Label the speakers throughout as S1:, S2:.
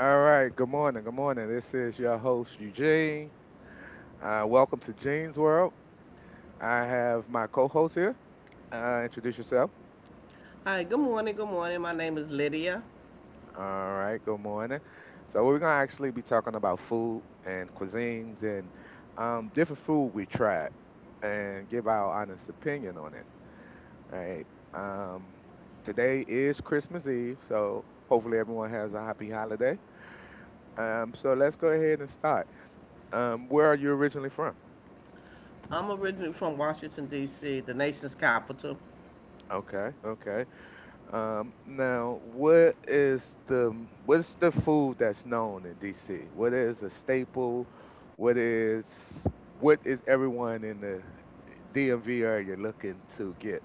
S1: All right. Good morning. Good morning. This is your host Eugene. Welcome to Gene's World. I have my co-host here. Introduce yourself.
S2: Hi, good morning, good morning. My name is Lydia.
S1: All right. Good morning. So we're gonna actually be talking about food and cuisines and different food we tried and give our honest opinion on it. Right. Um, today is Christmas Eve, so hopefully everyone has a happy holiday. So let's go ahead and start. Where are you originally from?
S2: I'm originally from Washington, D.C., the nation's capital.
S1: Okay. Okay. Now, what's the food that's known in DC? What is a staple? What is what is everyone in the DMV area looking to get?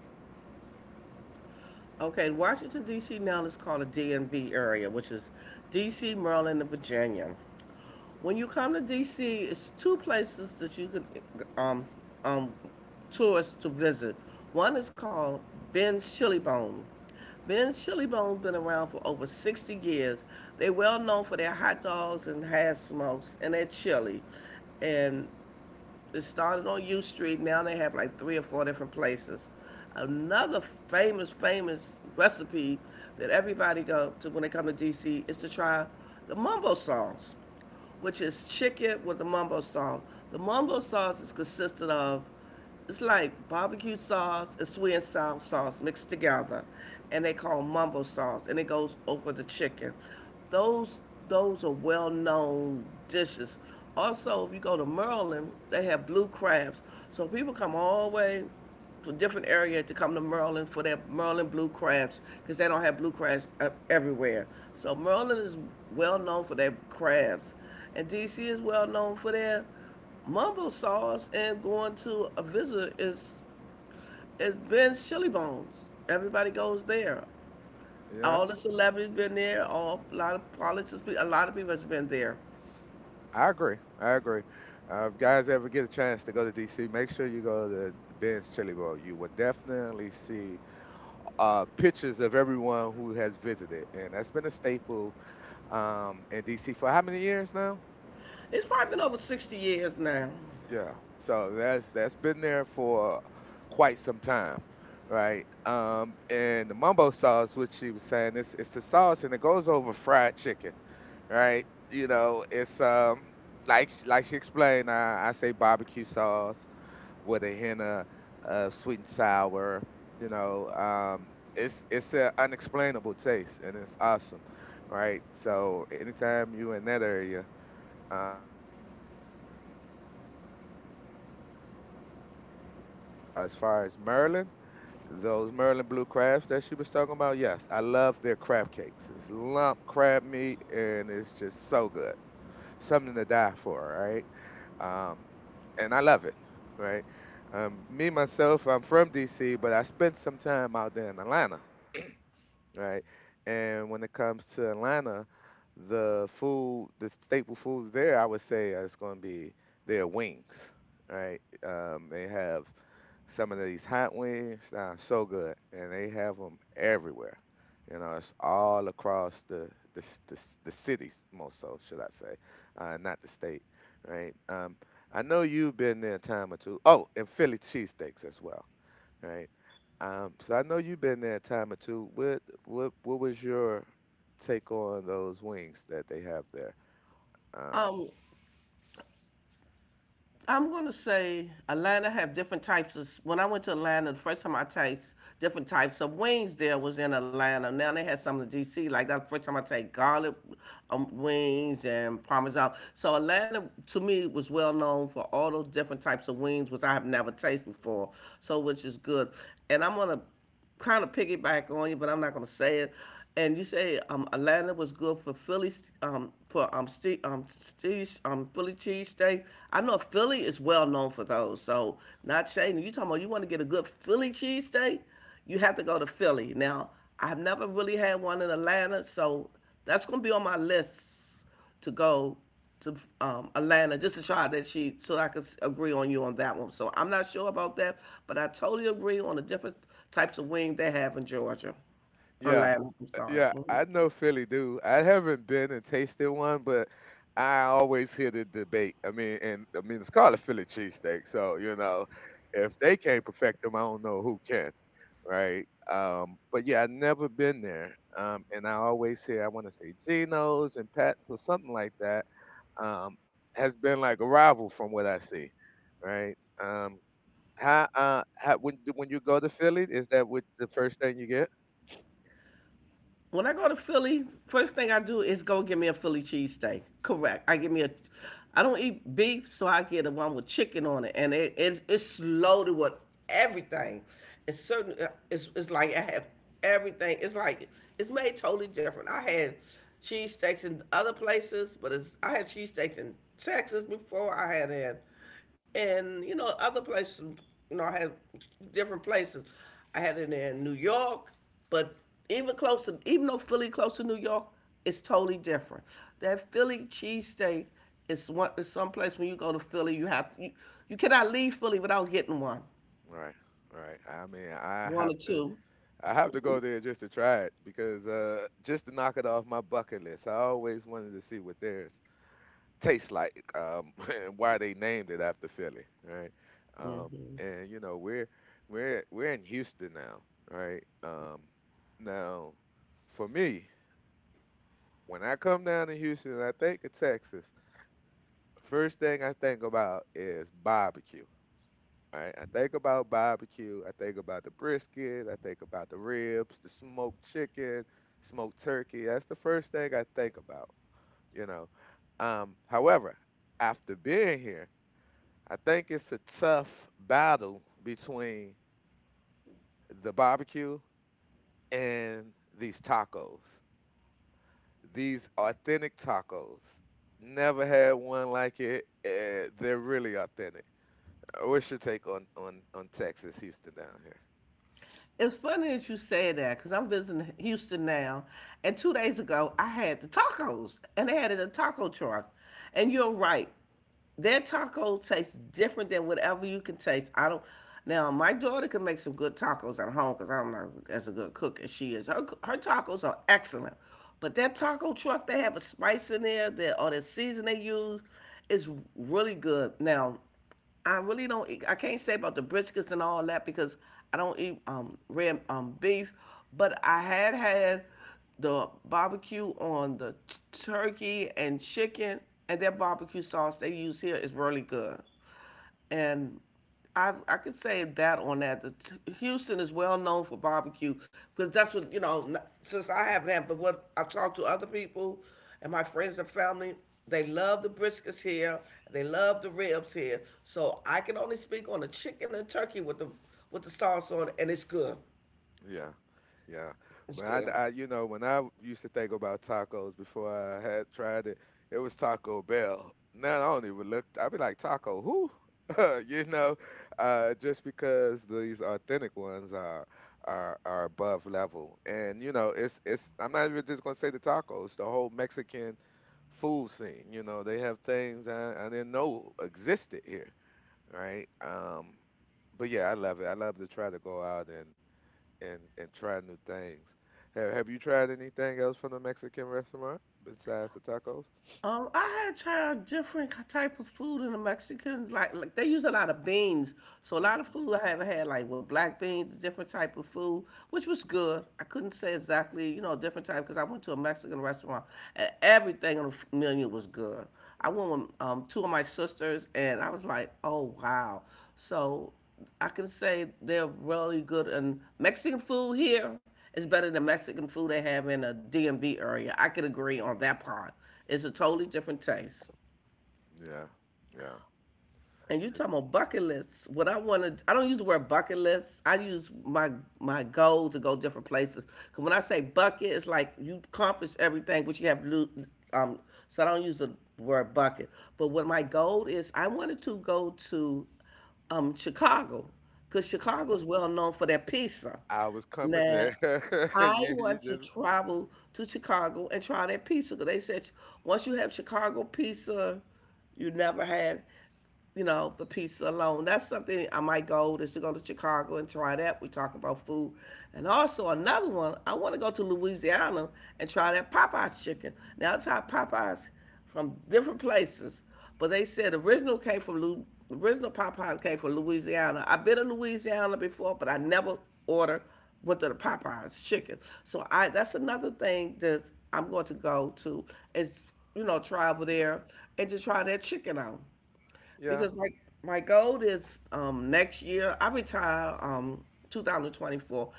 S2: Okay, Washington, D.C. now is called a DMV area, which is D.C., Maryland, and Virginia. When you come to D.C., it's two places that you could um, um, tourists to visit. One is called Ben's Chili Bone. Ben's Chili Bone's been around for over 60 years. They're well known for their hot dogs and hash smokes and their chili. And it started on U Street. Now they have like three or four different places. Another famous, famous recipe that everybody go to when they come to DC is to try the mumbo sauce, which is chicken with the mumbo sauce. The mumbo sauce is consisted of, it's like barbecue sauce and sweet and sour sauce mixed together, and they call mumbo sauce, and it goes over the chicken. Those those are well known dishes. Also, if you go to Maryland, they have blue crabs. So people come all the way for different area to come to Maryland for their Maryland blue crabs because they don't have blue crabs everywhere. So Maryland is well known for their crabs, and DC is well known for their mumbo sauce. And going to a visit is it's been Chili Bones. Everybody goes there.
S1: Yeah,
S2: All the celebrities been there. All a lot of politics, a lot of people has been there.
S1: I agree. I agree. If guys ever get a chance to go to DC, make sure you go to Ben's Chili Bowl. You will definitely see pictures of everyone who has visited, and that's been a staple in DC for how many years now?
S2: It's probably been over 60 years now.
S1: Yeah. So that's been there for quite some time, right? And the mumbo sauce, which she was saying, it's the sauce and it goes over fried chicken, right? You know, it's like she explained, I say barbecue sauce with a hint of sweet and sour. You know, it's an unexplainable taste and it's awesome, right? So anytime you in that area make sure you guys go check that out, right? Also, as far as Merlin, those Merlin blue crabs that she was talking about, yes, I love their crab cakes. It's lump crab meat, and it's just so good, something to die for, right? Um, and I love it, right? Me myself, I'm from D.C., but I spent some time out there in Atlanta, right? And when it comes to Atlanta, the food, the staple food there, I would say is going to be their wings, right? They have some of these hot wings, so good, and they have them everywhere. You know, it's all across the cities, most so should I say, not the state, right? I know you've been there a time or two. Oh, and Philly cheesesteaks as well. Right. So I know you've been there a time or two. What was your take on those wings that they have there? Um,
S2: Um, I'm gonna say Atlanta have different types of. When I went to Atlanta, the first time I taste different types of wings there was in Atlanta. Now they had some in D.C. Like that first time I take garlic wings and parmesan. So Atlanta to me was well known for all those different types of wings, which I have never tasted before. So which is good. And I'm gonna kind of piggyback on you, but I'm not going to say it. And you say Atlanta was good for Philly for ste ste Philly cheesesteak. I know Philly is well known for those. So not shading. You talking about you want to get a good Philly cheesesteak? You have to go to Philly. Now I've never really had one in Atlanta, so that's going to be on my list us to go to Atlanta just to try that she so I could agree on you on that one. So I'm not sure about that, but I totally agree on the different types of wings they have in Georgia,
S1: yeah,
S2: Atlanta. I'm sorry.
S1: yeah,
S2: Mhm.
S1: I know Philly do. I haven't been and tasted one, but I always hear the debate. I mean, and I mean it's called a Philly cheesesteak, so you know, if they can't perfect them, I don't know who can, right? But yeah, I've never been there, and I always hear I want to say Geno's and Pat's or something like that. Um, has been like a rival from what I see, right? Um, how when you go to Philly, is that what the first thing you get?
S2: When I go to Philly, first thing I do is go get me a Philly cheesesteak. Correct. I get me a. I don't eat beef, so I get the one with chicken on it, and it's loaded with everything. It's certain. It's like I have everything. It's like it's made totally different. I had cheesesteaks in other places, but it's I had cheesesteaks in Texas before. I had in, and you know, other places, you know, I had different places, I had it in New York, but even closer, even though Philly close to New York, it's totally different. That Philly cheesesteak is one is someplace when you go to Philly you have to, you cannot leave Philly without getting one
S1: Right. Right. I mean, I
S2: one
S1: have
S2: or
S1: to
S2: two.
S1: I have to go there just to try it because just to knock it off my bucket list. I always wanted to see what theirs tastes like and why they named it after Philly, right? And you know, we're in Houston now, right? Now, for me, when I come down to Houston and I think of Texas, first thing I think about is barbecue. Right? I think about barbecue. I think about the brisket. I think about the ribs, the smoked chicken, smoked turkey. That's the first thing I think about, you know. However, after being here, I think it's a tough battle between the barbecue and these tacos. These authentic tacos. Never had one like it. They're really authentic. What's your take on on Texas, Houston down here?
S2: It's funny that you say that because I'm visiting Houston now, and 2 days ago I had the tacos and they had it in a taco truck, and you're right, their taco tastes different than whatever you can taste. I don't. Now my daughter can make some good tacos at home because I'm not as a good cook as she is. Her tacos are excellent, but that taco truck they have a spice in there that or the season they use is really good. Now I really don't. Eat, I can't say about the briskets and all that because I don't eat red beef, but I had the barbecue on the turkey and chicken, and their barbecue sauce they use here is really good. And I could say that on that. The Houston is well known for barbecue because that's what you know. Since I haven't had, but what I talked to other people and my friends and family, they love the briskets here. They love the ribs here. So I can only speak on the chicken and turkey with the sauce on, it, and it's good.
S1: Yeah, yeah.
S2: It's
S1: But I,
S2: good.
S1: I, you know, when I used to think about tacos before I had tried it, it was Taco Bell. Now I don't even look. I'd be like Taco who? you know, just because these authentic ones are are above level, and you know, it's it's. I'm not even just gonna say the tacos. The whole Mexican food scene. You know, they have things I didn't know existed here, right? But yeah, I love it. I love to try to go out and and try new things. Have you tried anything else from the Mexican restaurant besides the tacos?
S2: I had tried different type of food in the Mexican, like they use a lot of beans. So a lot of
S1: Hmm.
S2: food I haven't had, like with black beans, different type of food, which was good. I couldn't say exactly, you know, different type because I went to a Mexican restaurant and everything on the menu was good. I went with two of my sisters and I was like, oh wow. So I can say they're really good. And Mexican food here is better than Mexican food they have in the DMV area. I could agree on that part. It's a totally different taste.
S1: Yeah, yeah.
S2: And you
S1: It's—
S2: talking about bucket lists. What I want to, I don't use the word bucket lists. I use my goal to go different places. Cause when I say bucket, it's like you accomplish everything, which you have to. um. So I don't use the word bucket. But what my goal is, I wanted to go to Chicago, cause Chicago
S1: okay.
S2: is well known for their pizza.
S1: I was coming
S2: Now,
S1: there.
S2: I
S1: you
S2: want to
S1: just.
S2: travel to Chicago and try that pizza. 'Cause they said once you have Chicago pizza, you never had, you know, the pizza alone. That's something I might go is to go to Chicago and try that. We talk about food. And also another one, I want to go to Louisiana and try that Popeye's chicken. Now it's how
S1: Mhm.
S2: Popeye's from different places, but they said original came from original Popeye's came from Louisiana. I've been to Louisiana before, but I never ordered went to the Popeye's chicken. So I that's another thing that I'm going to go to is, you know, travel there and to try that chicken out
S1: Yeah,
S2: because my goal is next year I retire 2024.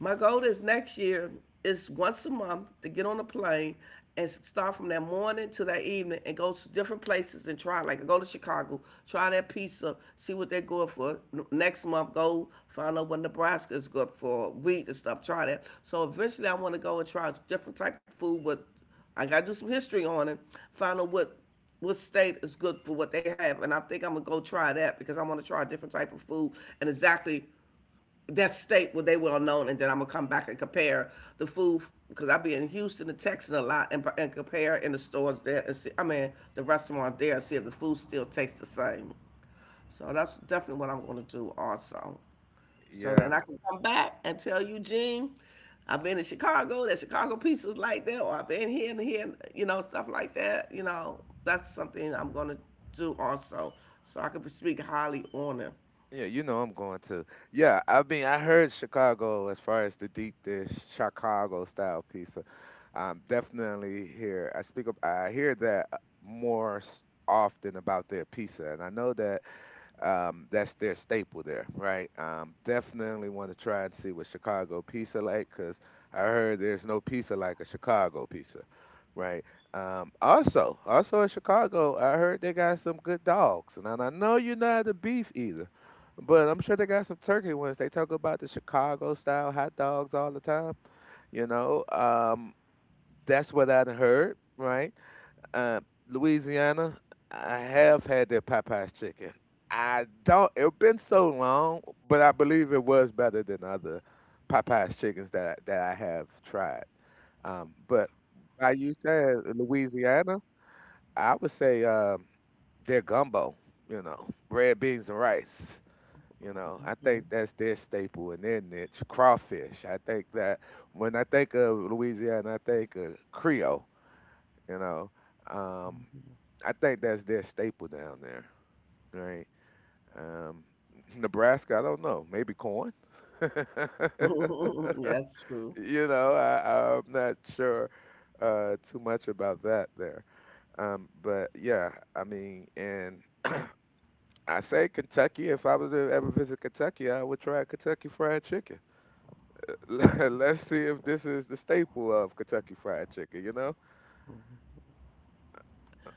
S2: My goal is next year is once a month to get on a plane and start from that morning to that evening and go to different places and try. Like go to Chicago, try that pizza, see what they're good for. Next month, go find out what Nebraska is good for, wheat and stuff. Try that. So eventually, I want to go and try different type of food. With I got to do some history on it, find out what state is good for what they have, and I think I'm gonna go try that because I want to try a different type of food and exactly that state where they well known, and then I'm gonna come back and compare the food because I be in Houston and Texas a lot, and compare in the stores there and see. I mean, the restaurant there and see if the food still tastes the same. So that's definitely what I'm gonna do also. So
S1: yeah,
S2: then I can come back and tell Eugene, I've been in Chicago, that Chicago pizza's like that, or I've been here and here, you know, stuff like that. You know, that's something I'm gonna do also, so I can speak highly on it.
S1: yeah. You know I'm going to yeah. I mean I heard Chicago as far as the deep dish Chicago style pizza. I'm definitely here. I speak up. I hear that more often about their pizza, and I know that that's their staple there, right? Definitely want to try and see what Chicago pizza like, cause I heard there's no pizza like a Chicago pizza, right? Also in Chicago, I heard they got some good dogs, and I know you're not the beef either, but I'm sure they got some turkey ones. They talk about the Chicago style hot dogs all the time, you know. That's what I'd heard, right? Uh, Louisiana, I have had their Popeyes chicken. I don't. It's been so long, but I believe it was better than other Popeyes chickens that I have tried. But by you saying Louisiana, I would say their gumbo. You know, red beans and rice. You know, I
S2: Mhm.
S1: think that's their staple and their niche. Crawfish. I think that when I think of Louisiana, I think of Creole. You know, um, I think that's their staple down there, right? Um, Nebraska, I don't know. Maybe corn.
S2: That's true.
S1: you know, I'm not sure too much about that there. But yeah, I mean, and I say Kentucky. If I was to ever visit Kentucky, I would try Kentucky Fried Chicken. Let's see if this is the staple of Kentucky Fried Chicken. You know,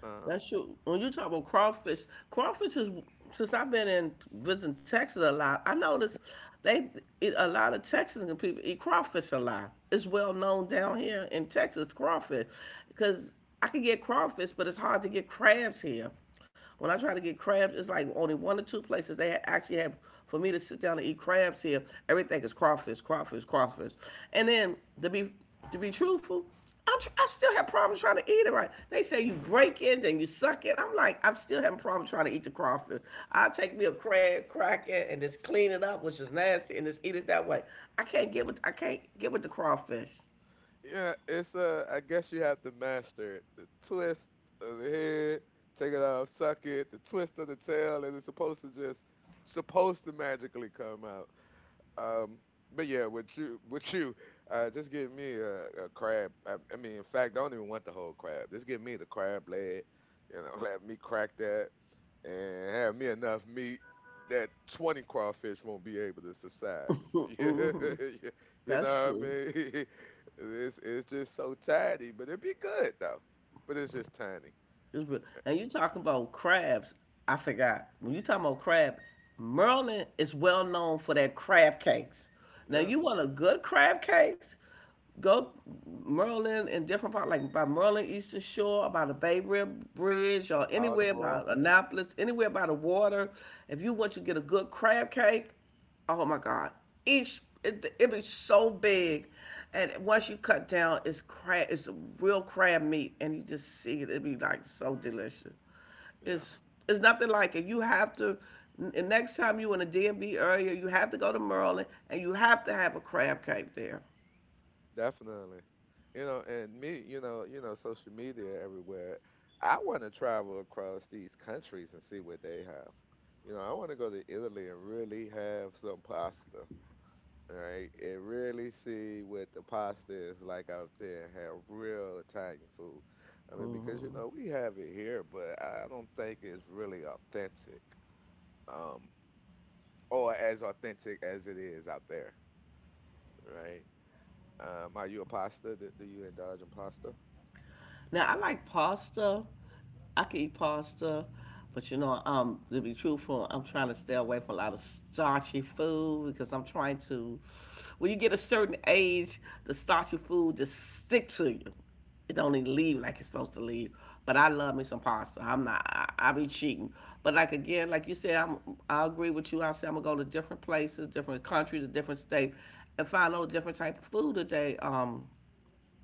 S1: um,
S2: That's true. When you talk about crawfish, crawfish is since I've been in visiting Texas a lot. I noticed they eat a lot of Texas people eat crawfish a lot. It's well known down here in Texas crawfish, because I can get crawfish, but it's hard to get crabs here. When I try to get crabs, it's like only one or two places they actually have for me to sit down and eat crabs here. Everything is crawfish, crawfish, crawfish. And then to be to be truthful, I still have problems trying to eat it right. They say you break it and you suck it. I'm like, I'm still having problems trying to eat the crawfish. I take me a crab, crack it, and just clean it up, which is nasty, and just eat it that way. I can't get with the crawfish.
S1: yeah, it's I guess you have to master it. The twist of the head, take it off, suck it, the twist of the tail, and it's supposed to just supposed to magically come out. Um, but yeah, with you, with you, just give me a crab. I mean, in fact, I don't even want the whole crab. Just give me the crab leg. You know, let me crack that and have me enough meat that 20 crawfish won't be able to subside. yeah, yeah, you
S2: That's
S1: know what I
S2: true.
S1: mean? It's just so tiny, but it'd be good though. But it's just tiny.
S2: It was real. And you talking about crabs? I forgot. When you talking about crab, Maryland is well known for their crab cakes. Now
S1: Yeah.
S2: you want a good crab cakes? Go Maryland and different part like by Maryland Eastern Shore, by the Bay Rib Bridge, or anywhere
S1: Baltimore.
S2: by Annapolis, anywhere by the water. If you want to get a good crab cake, oh my god, it be so big, and once you cut down it's crab, it's real crab meat, and you just see it, it be like so delicious.
S1: Yeah.
S2: It's it's nothing like it. You have to next time you in a dmb area, you have to go to Maryland and you have to have a crab cake there.
S1: Definitely. You know, and me, you know, social media everywhere. I want to travel across these countries and see what they have. You know, I want to go to Italy and really have some pasta, right? And really see what the pasta is like out there, have real Italian food. I mean, because you know, we have it here, but I don't think it's really authentic. Um, or as authentic as it is out there, right? Are you a pasta? Do you indulge in pasta?
S2: Now I like pasta. I can eat pasta, but to be truthful, I'm trying to stay away from a lot of starchy food because I'm trying to. When you get a certain age, the starchy food just stick to you. It don't even leave like it's supposed to leave. But I love me some pasta. I'm not. I be cheating. But like again, like you said, I'm. I agree with you. I say I'm gonna go to different places, different countries, different states, and find out different type of food that they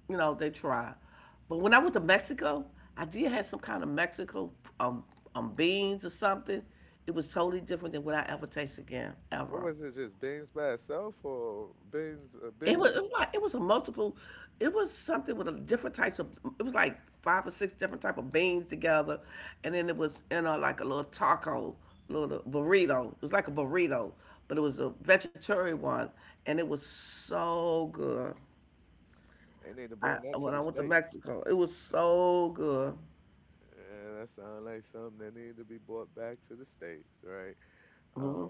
S2: you know, they try. But when I went to Mexico, I did have some kind of Mexico um, beans or something. It was totally different than what I ever taste again,
S1: What
S2: ever.
S1: was it? Just beans by itself, or beans?
S2: It
S1: Beans.
S2: was, it
S1: And—
S2: was like it was a multiple. It was something with a different types of. It was like five or six different type of beans together, and then it was in a like a little taco, little burrito. It was like a burrito, but it was a vegetarian one, and it was so good.
S1: they need to
S2: I
S1: bring that to
S2: when
S1: the
S2: I went to
S1: state.
S2: Mexico, it was so good.
S1: Yeah, that sounds like something that need to be brought back to the states, right? Um,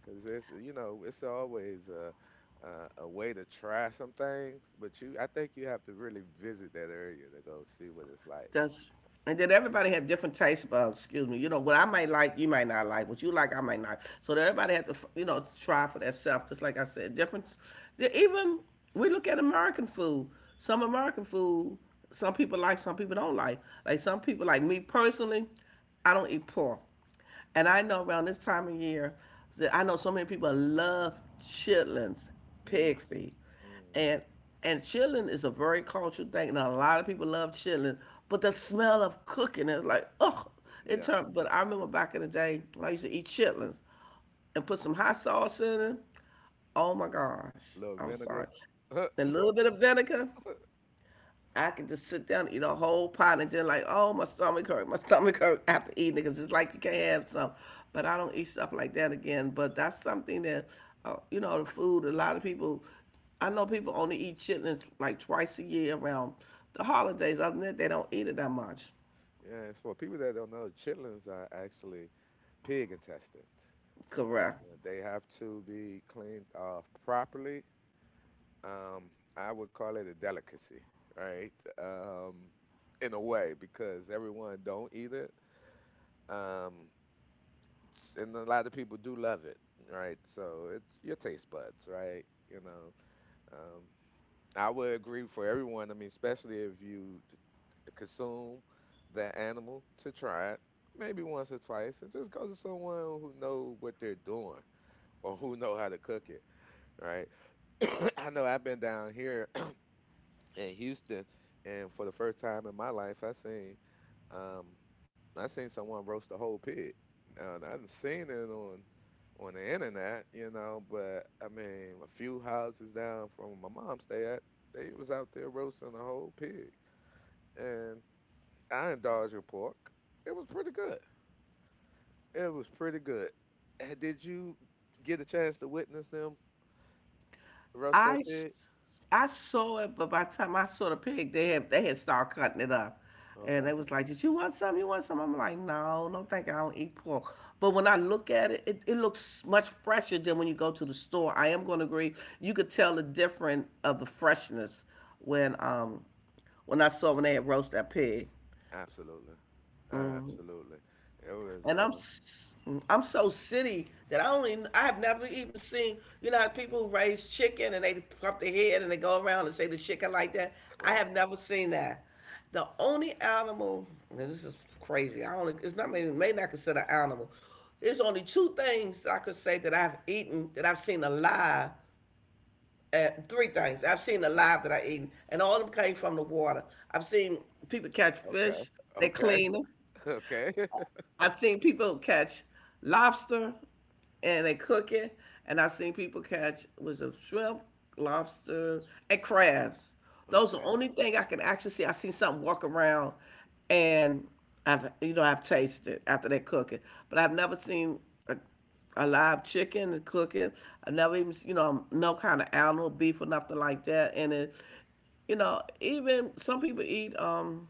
S1: 'cause it's you know it's always a way to try some things, but you I think you have to really visit that area to go see what it's like.
S2: That's and then everybody have different tastes. But excuse me, you know what I might like, you might not like. What you like, I might not. So that everybody have to, you know, try for themselves. Just like I said, difference. Even we look at American food. Some American food, some people like, some people don't like. Like some people like me personally, I don't eat pork. And I know around this time of year, that I know so many people love chitlins,
S1: Mm.
S2: pig feet,
S1: Mm.
S2: and and chitlin is a very cultural thing, and a lot of people love chitlin. But the smell of cooking is like, oh, it
S1: Yeah,
S2: turned. But I remember back in the day, when I used to eat chitlins and put some hot sauce in it. Oh my gosh,
S1: a little
S2: I'm
S1: vinegar.
S2: sorry, a little bit of vinegar. I can just sit down and eat a whole pot and then like, oh, my stomach hurt after eating it because it's like you can't have some. But I don't eat stuff like that again. But that's something that, you know, the food. A lot of people, I know people only eat chitlins like twice a year around the holidays. Other than that, they don't eat it that much.
S1: Yeah, and for people that don't know, chitlins are actually pig intestines. Uh,
S2: Correct.
S1: they have to be cleaned off properly. I would call it a delicacy, right? Um, in a way, because everyone don't eat it, um, s- and a lot of people do love it, right? So it's your taste buds, right? You know, um, I would agree for everyone. I mean, especially if you consume that animal to try it, maybe once or twice, and just go to someone who know what they're doing or who know how to cook it, right? I know I've been down here in Houston, and for the first time in my life, um I seen someone roast a whole pig. Now, I didn't seen it on the internet, you know, but I mean, a few houses down from where my mom stay at, they was out there roasting a whole pig, and I indulged in pork. It was pretty good. It was pretty good. Did you get a chance to witness them roast that
S2: I s-
S1: pig?
S2: I saw it, but by the time I saw the pig, they had started cutting it up, and
S1: Okay.
S2: they was like, "Did you want some? You want some?" I'm like, "No, no, thank you. I don't eat pork." But when I look at it, it looks much fresher than when you go to the store. I am going to agree. You could tell the difference of the freshness when um when I saw when they had roast that pig.
S1: Absolutely. Absolutely. It was
S2: and I'm s- I'm so city that I only I have never even seen you know how people who raise chicken and they pop their head and they go around and say the chicken like that. I
S1: right.
S2: have never seen that. The only animal and this is crazy. I only it's not maybe may not consider animal. There's only two things I could say that I've eaten that I've seen alive. Three things I've seen alive that I eaten, and all of them came from the water. I've seen people catch
S1: Okay.
S2: fish. They
S1: Okay.
S2: clean them.
S1: Okay.
S2: I've seen people catch lobster and they cook it, and I've seen people catch was a shrimp, lobster, and crabs. Those are the
S1: Okay.
S2: only thing I can actually see. I seen something walk around, and I've you know I've tasted after they cook it, but I've never seen a, a live chicken and cooking. I never even you know no kind of animal, beef or nothing like that. And it. You know, even some people eat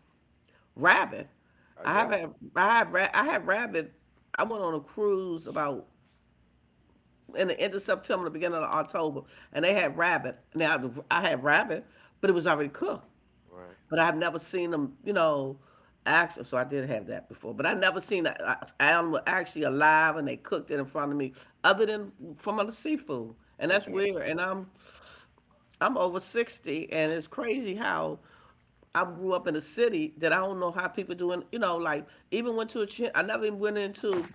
S2: rabbit. I
S1: Yeah.
S2: have had, I had rabbit. I went on a cruise about in the end of September, the beginning of October, and they had rabbit. Now I had rabbit, but it was already cooked.
S1: Right.
S2: But I've never seen them, you know, actually. So I did have that before, but I never seen an animal actually alive and they cooked it in front of me, other than from other seafood, and
S1: And
S2: that's
S1: that
S2: weird. And I'm over 60, and it's crazy how I grew up in a city that I don't know how people doing, you know, like, even went to a chin, I never even went into,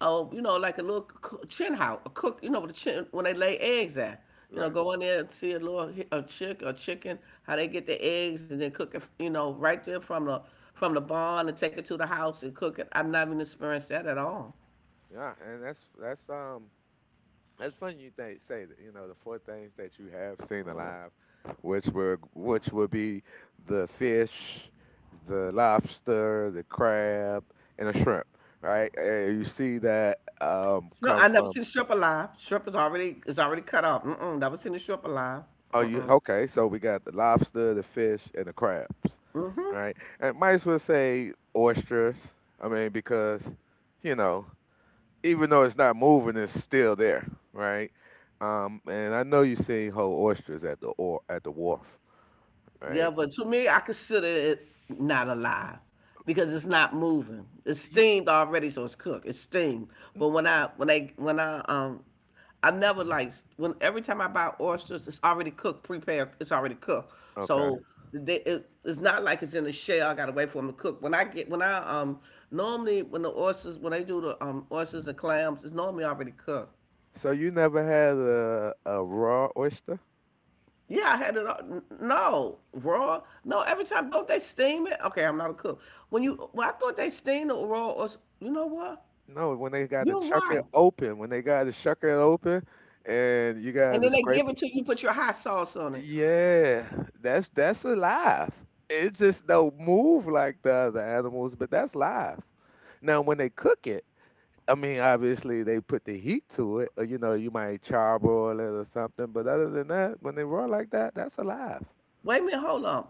S2: oh, you know, like a little chin house, a cook, you know, with a chin, when they lay eggs at. You know,
S1: right.
S2: go in there and see a little a chick or chicken, how they get the eggs and then cook it, you know, right there from the barn and take it to the house and cook it. I've not even experienced that at all.
S1: Yeah. And that's funny you think say that, you know, the four things that you have seen alive, which would be the fish, the lobster, the crab, and a shrimp. Right. And you see that
S2: No,
S1: come
S2: I never
S1: from...
S2: seen shrimp alive. Shrimp is already cut off. Mm-mm, never seen a shrimp alive.
S1: Oh, you okay? So we got the lobster, the fish, and the crabs, right? And might as well say oysters. I mean, because you know, even though it's not moving, it's still there, right? And I know you seen whole oysters at the or at the wharf,
S2: Yeah,
S1: right?
S2: but to me, I consider it not alive because it's not moving. It's
S1: Ye-
S2: steamed already, so it's cooked. It's steamed. But when I when I when I I've never like when every time I buy oysters, it's already cooked, prepared. It's already cooked.
S1: Okay.
S2: So they, it, it's not like it's in a shell. I gotta wait for them to cook. When I get when I normally when the oysters when they do the oysters and clams, it's normally already cooked.
S1: So you never had a raw oyster?
S2: Yeah, I had it all. No, raw. No, every time don't they steam it? Okay, I'm not a cook. When you, well, I thought they steam it raw. Or you know what?
S1: No, when they got to
S2: You're
S1: chuck it
S2: right.
S1: open, when they got to chuck it open, and you got
S2: And
S1: to
S2: then they
S1: scrape...
S2: give it to you. Put your hot sauce on it.
S1: Yeah, that's alive. It just don't move like the other animals, but that's live. Now, when they cook it, I mean, obviously they put the heat to it, or you know, you might charbroil it or something. But other than that, when they raw like that, that's alive.
S2: Wait a minute. Hold on.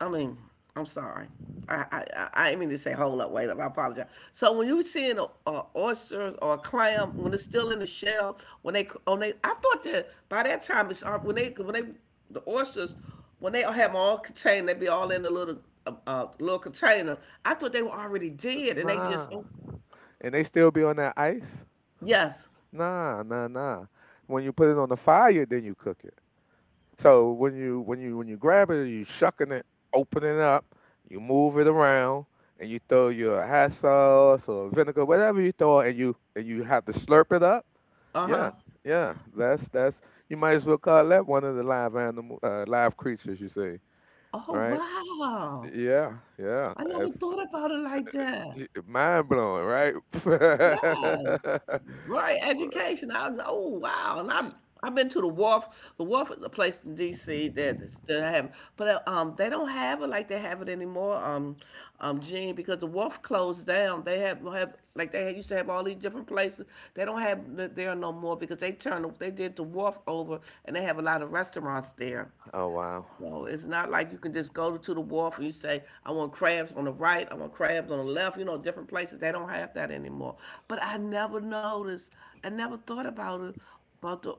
S2: I mean, I'm sorry. I didn't mean to say hold up, wait up. I apologize. So when you were seeing a oysters or a clam when it's still in the shell, when they on they, I thought that by that time it's when they the oysters when they have them all contained, they be all in a little little container. I thought they were already dead, and they just
S1: Nah,
S2: oh,
S1: and they still be on that ice.
S2: yes,
S1: Nah, nah, nah. When you put it on the fire, then you cook it. So when you when you grab it, you shucking it, open it up, you move it around, and you throw your hot sauce or vinegar, whatever you throw, and you have to slurp it up.
S2: uh
S1: Yeah,
S2: huh.
S1: yeah. That's, you might as well call that one of the live animal live creatures you see,
S2: Oh
S1: right?
S2: wow!
S1: Yeah, yeah.
S2: I never
S1: If,
S2: thought about it like that.
S1: y- Mind blowing, right?
S2: Yes. Right. Education. I was oh wow. And I I've been to the wharf. The wharf is a place in DC that is- that have but they don't have it like they have it anymore. Gene, because the wharf closed down. They have like they had- used to have all these different places. They don't have it there no more because they turned they did the wharf over and they have a lot of restaurants there.
S1: Oh wow.
S2: So it's not like you can just go to the wharf and you say, I want crabs on the right, I want crabs on the left, you know, different places. They don't have that anymore. But I never noticed, I never thought about it, about the,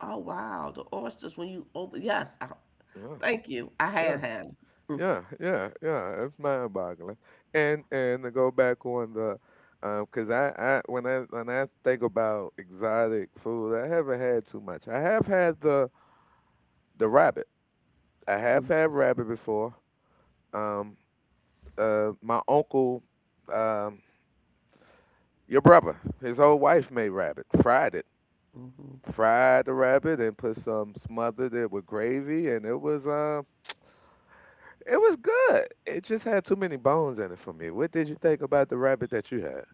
S2: oh wow, the oysters when you open, yes, I,
S1: Yeah,
S2: thank you. I
S1: yeah.
S2: had had them.
S1: Yeah, yeah, yeah. It's mind-boggling, and to go back on the, 'cause I when I when I think about exotic food, I haven't had too much. I have had the rabbit. I have had rabbit before. Um, my uncle, um, your brother, his old wife made rabbit, fried it, fried the rabbit, and put some smothered it with gravy, and it was good. It just had too many bones in it for me. What did you think about the rabbit that you had?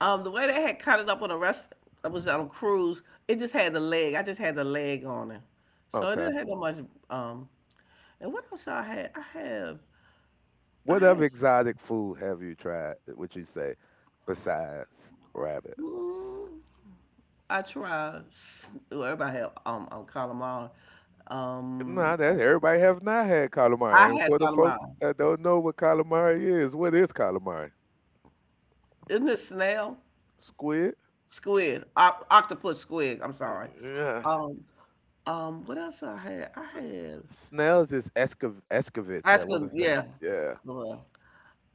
S2: The way they had cut it up on a rest, I was on a cruise, it just had the leg. I just had the leg on it. So it
S1: Okay.
S2: didn't have that much, um, and what else I had? I had,
S1: What
S2: I had,
S1: other exotic food have you tried? Would you say besides rabbit?
S2: mm, I try. Well, everybody have calamari.
S1: Nah,
S2: Um,
S1: that everybody have not had
S2: I
S1: calamari. And
S2: had
S1: for the folks
S2: calamari.
S1: that don't know what calamari is, what is calamari?
S2: Isn't it snail?
S1: Squid?
S2: Squid. Oc octopus squid. I'm sorry.
S1: Yeah.
S2: Um, what else I had? I had.
S1: Snails is escovitch, I
S2: That's
S1: want
S2: good.
S1: to say.
S2: Yeah.
S1: Yeah.
S2: Well,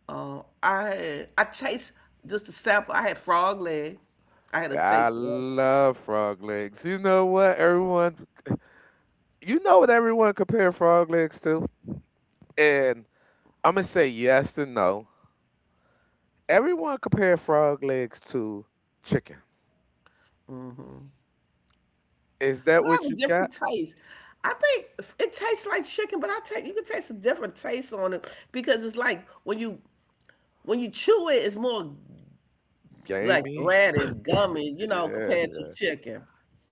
S2: I had. I taste just a sample. I had frog legs. I had a
S1: I
S2: taste of that.
S1: love frog legs. You know what, everyone? You know what everyone compare frog legs to? And I'm going to say yes and no. Everyone compare frog legs to chicken. Is that
S2: But I
S1: what
S2: have a
S1: you got?
S2: different taste. I think it tastes like chicken, but I take you can taste a different taste on it because it's like when you chew it, it's more like
S1: Gamey?
S2: thread, it's gummy, you know,
S1: Yeah,
S2: compared to chicken.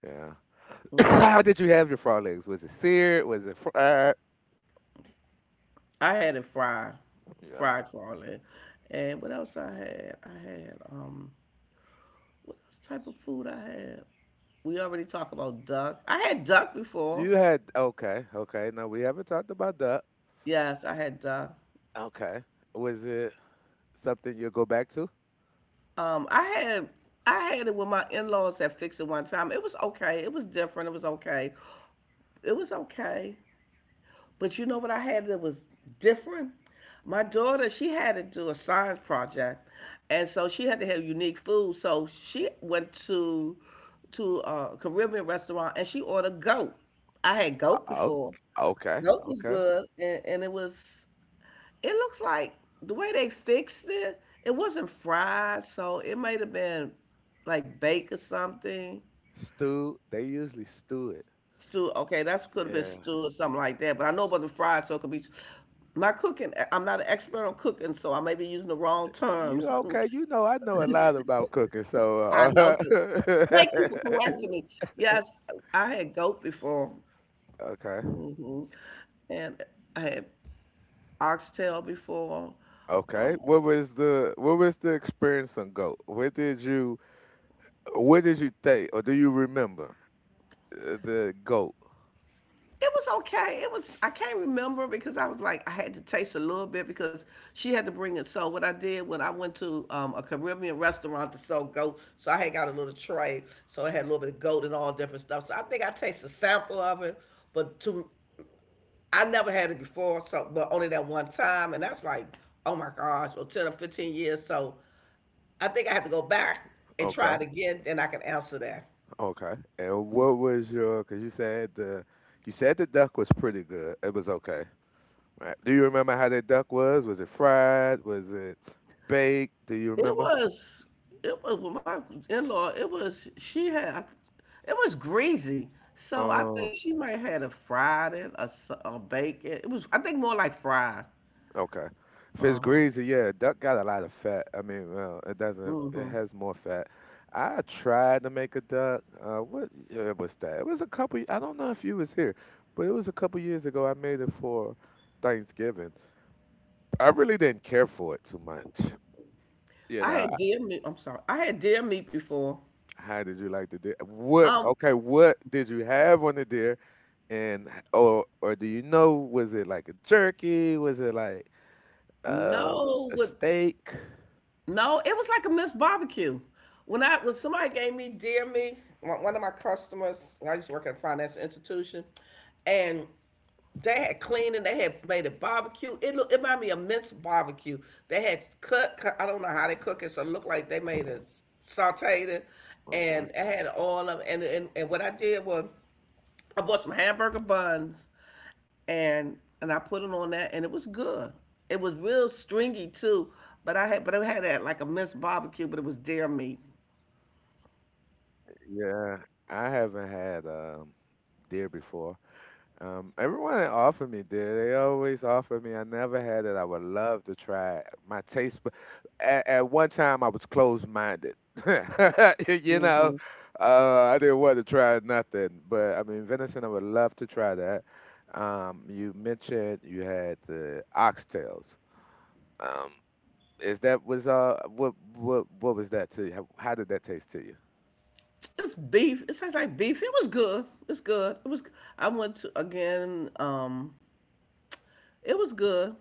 S1: yeah. How did you have your frog legs? Was it seared? Was it fried?
S2: I had it fried,
S1: Yeah.
S2: fried farley. And what else I had? I had, what else type of food I had? We already talked about duck. I had duck before.
S1: You had, okay, okay. Now we haven't talked about that.
S2: Yes, I had duck.
S1: Okay. Was it something you'll go back to?
S2: Um, I had I had it when my in-laws had fixed it one time. It was okay. It was different. It was okay. It was okay. But you know what I had that was different? My daughter, she had to do a science project, and so she had to have unique food. So she went to a Caribbean restaurant and she ordered goat. I had goat
S1: Oh,
S2: before.
S1: okay,
S2: Goat was
S1: okay.
S2: good, and it was. It looks like the way they fixed it. It wasn't fried, so it might have been like baked or something.
S1: Stew. They usually stew it.
S2: Stew. Okay, that's could have been
S1: Yeah.
S2: stew or something like that. But I know about the fried, so it could be. My cooking. I'm not an expert on cooking, so I may be using the wrong
S1: You
S2: terms.
S1: okay? You know, I know a lot about cooking, so.
S2: I know. So thank you for correcting me. Yes, I had goat before,
S1: Okay.
S2: hmm and I had oxtail before.
S1: Okay. What was the experience on goat? What did you think, or do you remember the goat?
S2: It was okay. It was I can't remember because I was like I had to taste a little bit because she had to bring it. So what I did when I went to a Caribbean restaurant to sell goat, so I had got a little tray, so it had a little bit of goat and all different stuff. So I think I tasted a sample of it, but to I never had it before, so but only that one time, and that's like oh my gosh, well 10 or 15 years. So I think I have to go back and
S1: Okay,
S2: try it again, then I can answer that.
S1: okay. And what was your? Because you said the duck was pretty good. It was okay, right? Do you remember how that duck was? Was it fried? Was it baked? Do you
S2: It
S1: remember?
S2: was, it was with my in-law. It was she had, it was greasy. So I
S1: Um,
S2: think she might had a fried it, a bake it. It was, I think, more like fried.
S1: Okay. If it's
S2: Uh-huh.
S1: greasy, yeah, duck got a lot of fat. I mean, well, it doesn't. It
S2: Mm-hmm.
S1: has more fat. I tried to make a duck. What year was that? It was a couple. I don't know if you was here, but it was a couple years ago. I made it for Thanksgiving. I really didn't care for it too much. You
S2: I
S1: know,
S2: had
S1: I-
S2: deer meat. I'm sorry. I had deer meat before.
S1: how did you like the deer? What?
S2: Um,
S1: Okay, what did you have on the deer? And or do you know? Was it like a jerky? Was it like um
S2: no,
S1: a
S2: with
S1: steak?
S2: no, it was like a Miss Barbecue. When somebody gave me deer meat, one of my customers, I used to work at a financial institution, and they had cleaning. They had made a barbecue. It reminded me of mince barbecue. They had cut. I don't know how they cook it, so it looked like they made a sauteed it,
S1: Okay.
S2: and it had all of. And what I did was I bought some hamburger buns, and I put it on that, and it was good. It was real stringy too, but I had that like a mince barbecue, but it was deer meat.
S1: Yeah, I haven't had deer before. Everyone that offered me deer. They always offer me. I never had it. I would love to try it. At one time I was closed-minded. You know,
S2: hmm
S1: I didn't want to try nothing. But I mean, venison. I would love to try that. You mentioned you had the oxtails. Um, is that was what was that to you? How did that taste to you?
S2: It's beef. It tastes like beef. It was good. It's good. It was. I went to again. It was good.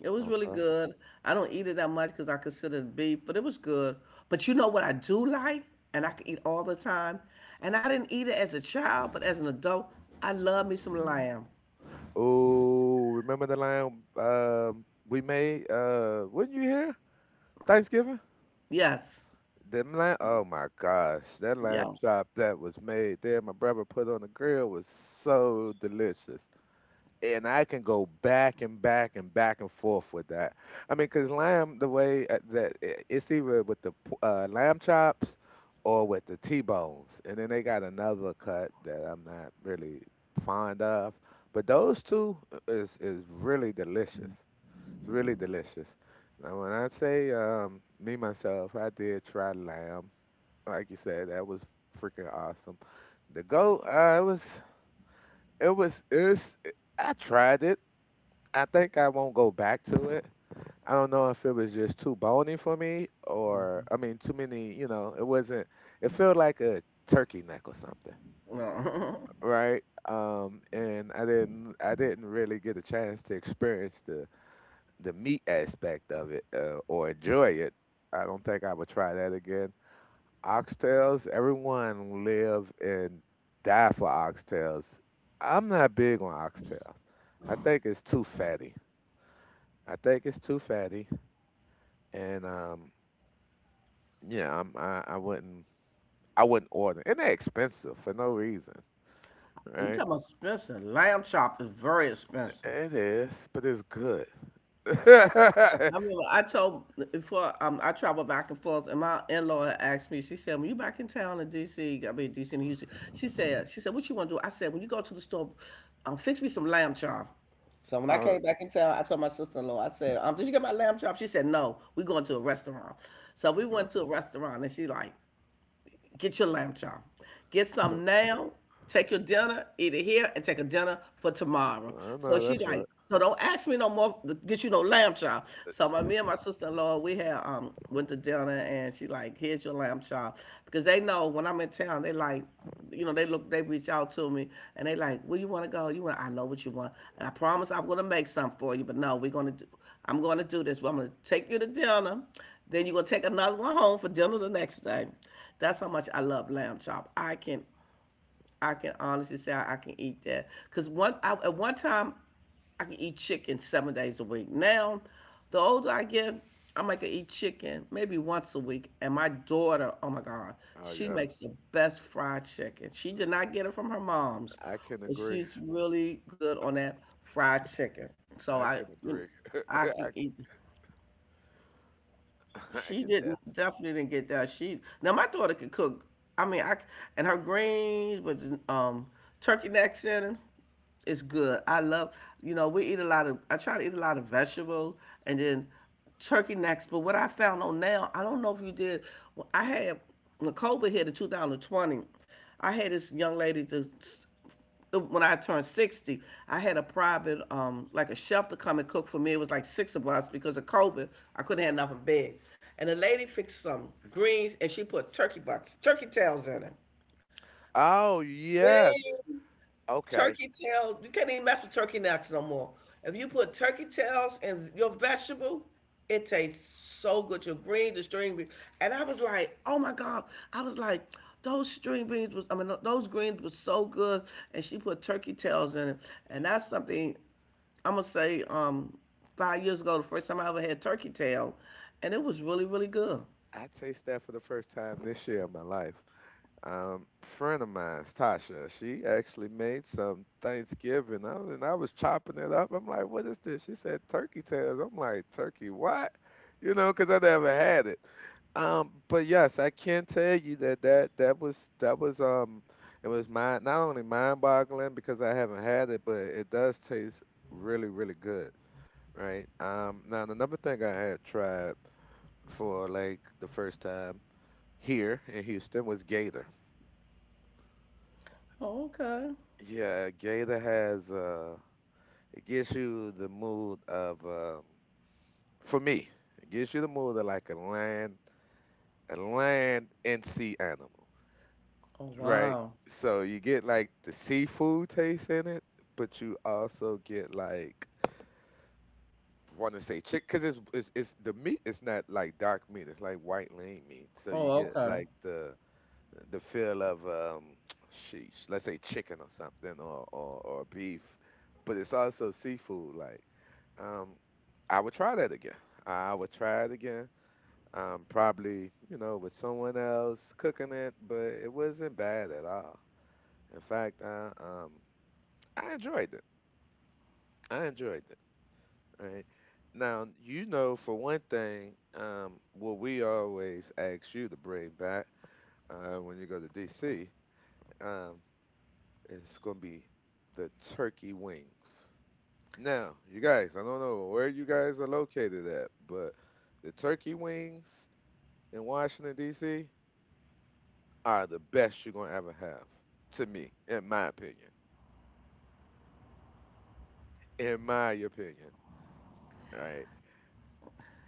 S2: It was really good. I don't eat it that much because I consider it beef, but it was good. But you know what I do like, and I can eat all the time, and I didn't eat it as a child, but as an adult, I love me some lamb.
S1: Oh, remember the line we made weren't you here? Thanksgiving?
S2: Yes,
S1: Them lamb, oh my gosh, that lamb
S2: yes.
S1: chop that was made there my brother put on the grill was so delicious, and I can go back and back and back and forth with that. I mean, because lamb, the way it's either with the lamb chops or with the T-bones, and then they got another cut that I'm not really fond of. But those two is really delicious. It's really delicious. Now, when I say me myself, I did try lamb. Like you said, that was freaking awesome. The goat, it was, it's. I tried it. I think I won't go back to it. I don't know if it was just too bony for me, or I mean too many, you know, it wasn't, it felt like a turkey neck or something, right? And I didn't really get a chance to experience the meat aspect of it or enjoy it. I don't think I would try that again. Oxtails, everyone live and die for oxtails. I'm not big on oxtails. I think it's too fatty. I think it's too fatty. And yeah, I wouldn't, I wouldn't order, and they're expensive for no reason,
S2: You talking
S1: right?
S2: about expensive? Lamb chop is very expensive.
S1: It is, but it's good.
S2: I remember I told before I travel back and forth, and my in-law had asked me. She said, "When you back in town in D.C., I mean D.C. and Houston," she said, "She said what you want to do?" I said, "When you go to the store, fix me some lamb chop." So when I
S1: Oh,
S2: came back in town, I told my sister-in-law, I said, "Did you get my lamb chop?" She said, "No, we going to a restaurant." So we
S1: it's not-
S2: went to a restaurant, and she like, get your lamb chop. Get
S1: I
S2: some now. Take your dinner, eat it here, and take a dinner for tomorrow. So
S1: know
S2: she
S1: that's right.
S2: like, so don't ask me no more to get you no lamb chop. So my me and my sister in law, we had went to dinner, and she like, here's your lamb chop, because they know when I'm in town, they like. You know, they look, they reach out to me and they like, where you want to go? You want, I know what you want. And I promise I'm going to make something for you, but no, we're going to do, I'm going to do this. Well, I'm going to take you to dinner. Then you're going to take another one home for dinner the next day. That's how much I love lamb chop. I can honestly say I can eat that because one I, at one time I can eat chicken 7 days a week. Now, the older I get, I might could eat chicken maybe once a week. And my daughter, oh my God,
S1: Oh
S2: she
S1: yeah,
S2: makes the best fried chicken. She did not get it from her mom's,
S1: I can
S2: but
S1: agree.
S2: she's really good on that fried chicken. So
S1: I
S2: I,
S1: can
S2: you know,
S1: agree.
S2: I can
S1: I,
S2: eat.
S1: I
S2: She
S1: can
S2: didn't
S1: death.
S2: definitely didn't get that. She now my daughter can cook. I mean, and her greens with um turkey necks in 'em is good. I love you know we eat a lot of I try to eat a lot of vegetable and then turkey necks. But what I found on now, I don't know if you did. I had when COVID hit in 2020. I had this young lady to when I turned 60, I had a private, like a chef to come and cook for me. It was like six of us because of COVID. I couldn't have nothing big. And the lady fixed some greens and she put turkey butts, turkey tails in it.
S1: Oh yes.
S2: Yay.
S1: Okay.
S2: Turkey tail, you can't even mess with turkey necks no more. If you put turkey tails in your vegetable, it tastes so good. Your greens, the string beans, and I was like, oh my god, I was like, those string beans was, I mean, those greens was so good. And she put turkey tails in it, and that's something I'm gonna say. 5 years ago, the first time I ever had turkey tail, and it was really, really good.
S1: I taste that for the first time this year in my life. Friend of mine, Tasha, she actually made some Thanksgiving. I was chopping it up. I'm like, what is this? She said turkey tails. I'm like, turkey what? You know, because I never had it. But yes, I can tell you that that was that was it was mind, not only mind-boggling because I haven't had it, but it does taste really, really good, right? Now the number thing I had tried for like the first time here in Houston was gator.
S2: Oh, okay.
S1: Yeah, gator has it gives you the mood of for me, it gives you the mood of like a land, a land and sea animal, right? So you get like the seafood taste in it, but you also get like, want to say chick, because it's the meat is not like dark meat, it's like white lean meat. So you get like the feel of sheesh, let's say chicken or something, or beef, but it's also seafood like. Um, I would try that again. I would try it again. Probably, you know, with someone else cooking it, but it wasn't bad at all. In fact, I enjoyed it. I enjoyed it. Right. Now, you know, for one thing, what we always ask you to bring back when you go to DC, um, it's gonna be the turkey wings. Now, you guys, I don't know where you guys are located at, but the turkey wings in Washington D.C. are the best you're gonna ever have, to me, in my opinion. In my opinion, right?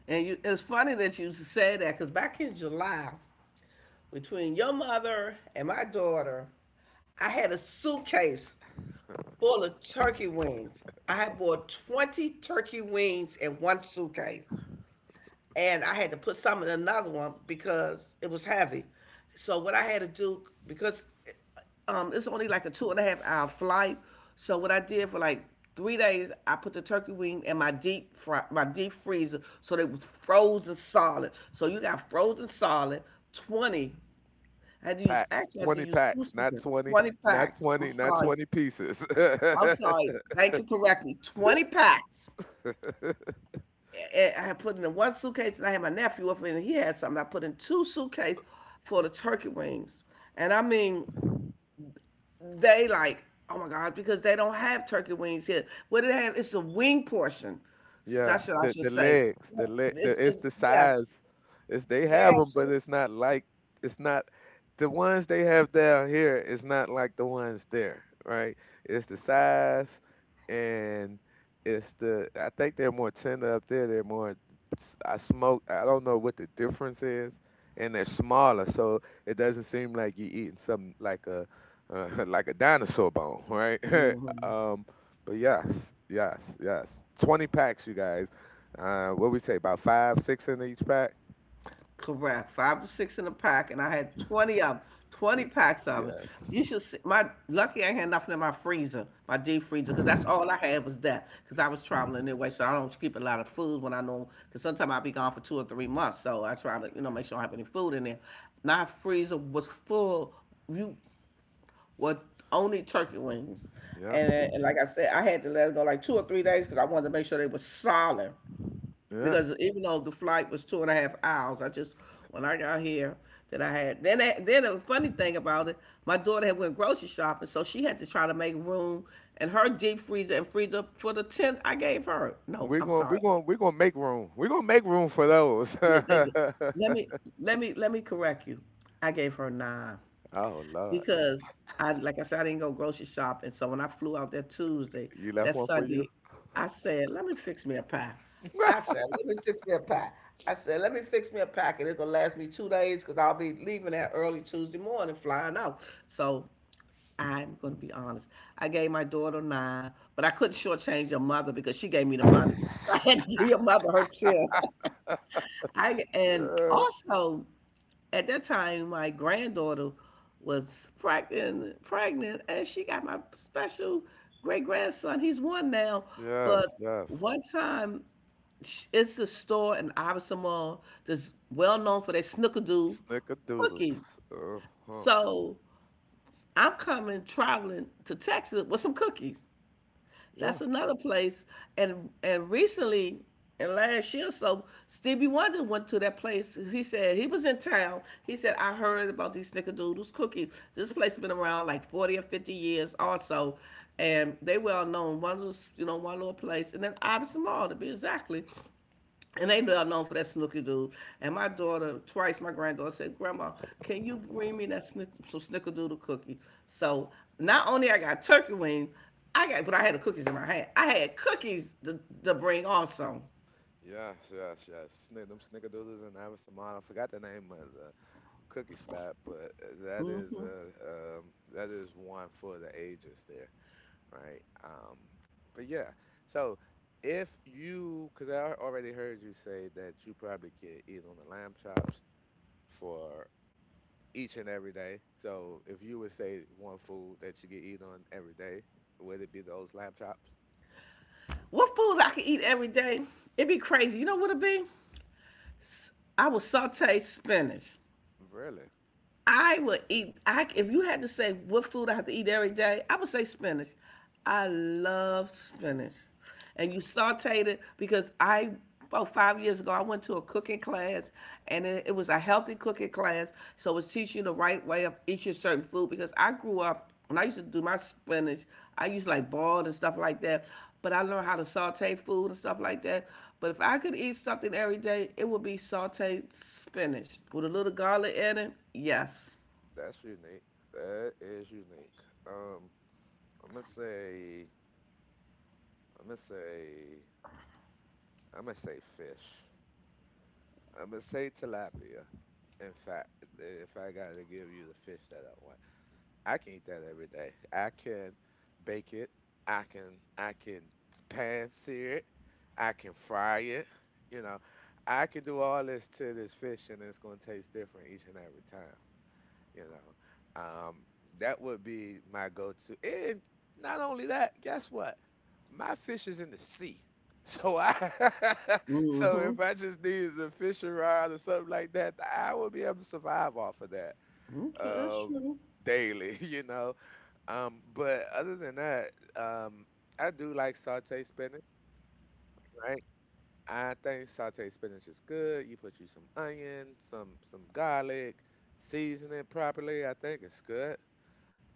S2: And you, it's funny that you say that because back in July, between your mother and my daughter, I had a suitcase full of turkey wings. I bought 20 turkey wings in one suitcase. And I had to put some in another one because it was heavy. So what I had to do, because it's only like a two and a half hour flight. So what I did for like 3 days, I put the turkey wing in my deep freezer, so they was frozen solid. So you got frozen solid, 20 I had to use,
S1: Packs,
S2: actually, I had to
S1: 20
S2: use two
S1: packs, not
S2: slips,
S1: 20,
S2: 20
S1: not
S2: packs. I'm
S1: 20, not
S2: sorry.
S1: 20 pieces.
S2: I'm sorry. Thank you correctly. 20 packs. Had put it in one suitcase and I had my nephew up in. He had something. I put in two suitcases for the turkey wings. And I mean, they like, oh my God, because they don't have turkey wings here. What do they have, it's a wing portion.
S1: Yeah,
S2: That's what I should
S1: the
S2: say.
S1: legs, the leg, the
S2: It's,
S1: it's
S2: it's,
S1: the
S2: yes,
S1: size. It's, they
S2: they
S1: have them, but
S2: have.
S1: it's not like, it's not the ones they have down here. It's not like the ones there, right? It's the size and it's the, I think they're more tender up there. They're more I smoke. I don't know what the difference is, and they're smaller, so it doesn't seem like you're eating something like a like a dinosaur bone, right? um, but yes, yes, yes. 20 packs, you guys. What we say, about five, six in each pack?
S2: Correct. Five or six in a pack, and I had
S1: Y-
S2: 20 packs of it. You
S1: Yes.
S2: should see my lucky I had nothing in my freezer, my deep freezer, because that's all I had was that. Because I was traveling anyway, so I don't keep a lot of food when I know. Because sometimes I'll be gone for 2 or 3 months, so I try to make sure I have any food in there. My freezer was full. You were only turkey wings, and,
S1: Yes.
S2: uh, and like I said, I had to let it go like 2 or 3 days because I wanted to make sure they were solid
S1: Yeah.
S2: because even though the flight was two and a half hours, I just when I got here that I had then that, then the funny thing about it, my daughter had went grocery shopping, so she had to try to make room in her deep freezer and freezer for the tent I gave her. No,
S1: We're
S2: I'm
S1: going to we're
S2: sorry.
S1: going to we're going to make room. We're going to make room for those.
S2: Yeah, they did.
S1: Oh
S2: Let me let me correct you. I gave her nine.
S1: lord.
S2: Because I, like I said, I didn't go grocery shopping. So when I flew out that Tuesday,
S1: You left
S2: that
S1: one for you?
S2: Sunday, I said, let me fix me a pie. I said, let me fix me a pie. I said, let me fix me a pack, and it's gonna last me 2 days because I'll be leaving that early Tuesday morning, flying out. So I'm gonna be honest. I gave my daughter nine, but I couldn't shortchange your mother because she gave me the money. So I had to give your mother her 10. I and
S1: Yeah.
S2: also at that time, my granddaughter was pregnant, and she got my special great grandson. He's one now,
S1: Yes,
S2: but
S1: yes.
S2: one time it's a store in Iverson Mall that's well known for their snickerdoodle
S1: Snickerdoodles.
S2: cookie.
S1: Uh-huh.
S2: So I'm coming traveling to Texas with some cookies.
S1: Yeah.
S2: That's another place. And recently, and last year or so, Stevie Wonder went to that place. He said he was in town. He said, "I heard about these snickerdoodles cookies. This place has been around like 40 or 50 years also, and they well known. One of those, you know, one little place, and then Iverson Mall to be exactly. And they know known for that snooker dude. And my daughter, twice my granddaughter said, Grandma, can you bring me some snickerdoodle cookie?" So not only I got turkey wings, I got but I had the cookies in my hand. I had cookies to bring also.
S1: Yes, yes, yes. Snick them snickerdoodles and Ivy Samad. I forgot the name of the cookie spot, but that is a um, that is one for the ages there, right? But yeah, so if you, because I already heard you say that you probably could eat on the lamb chops for each and every day. So if you would say one food that you could eat on every day, would it be those lamb chops?
S2: What food I can eat every day? It'd be crazy. You know what it'd be? I would saute spinach.
S1: Really,
S2: I would eat. I If you had to say what food I have to eat every day, I would say spinach. I love spinach, and you sauteed it because I about 5 years ago I went to a cooking class, and it was a healthy cooking class. So it's teaching you the right way of eating certain food because I grew up when I used to do my spinach, I used to like boiled and stuff like that. But I learned how to saute food and stuff like that. But if I could eat something every day, it would be sauteed spinach with a little garlic in it. Yes.
S1: that's unique. That is unique. Um, I'm gonna say, I'm gonna say, I'm gonna say fish. I'm gonna say tilapia. In fact, if I gotta give you the fish that I want, I can eat that every day. I can bake it. I can pan sear it. I can fry it. You know, I can do all this to this fish, and it's gonna taste different each and every time. You know, um, that would be my go-to. And not only that, guess what? My fish is in the sea. So I, so
S2: Mm-hmm.
S1: if I just needed a fishing rod or something like that, I would be able to survive off of that
S2: Okay, that's
S1: um,
S2: true.
S1: daily, you know. But other than that, um, I do like saute spinach, right? I think saute spinach is good. You put you some onion, some garlic, season it properly. I think it's good.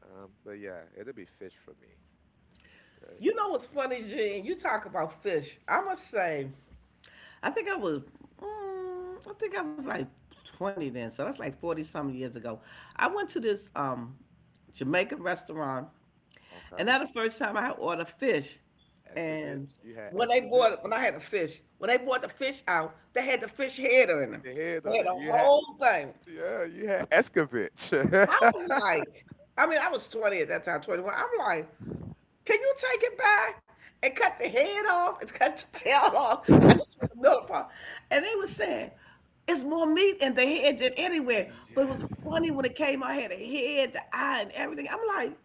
S1: But yeah, it'll be fish for me. Right?
S2: You know what's funny, Gene? You talk about fish. I must say, I think I was, I think I was like 20 then, so that's like 40 some years ago. I went to this Jamaican restaurant.
S1: Okay.
S2: And that the first time I ordered fish. And
S1: Escovitch, you had
S2: when they bought
S1: Escovitch.
S2: when I had a fish, when they bought the fish out, they had the fish head in them.
S1: The head
S2: They
S1: on
S2: had
S1: it.
S2: the
S1: You had
S2: whole thing.
S1: yeah, you had Escovitch.
S2: I was like, I mean, I was 20 at that time, 21. I'm like, can you take it back and cut the head off and cut the tail off? I just want the middle part. And they were saying, it's more meat in the head than anywhere. But it was
S1: Yes.
S2: funny when it came out, I had a head, the eye, and everything. I'm like,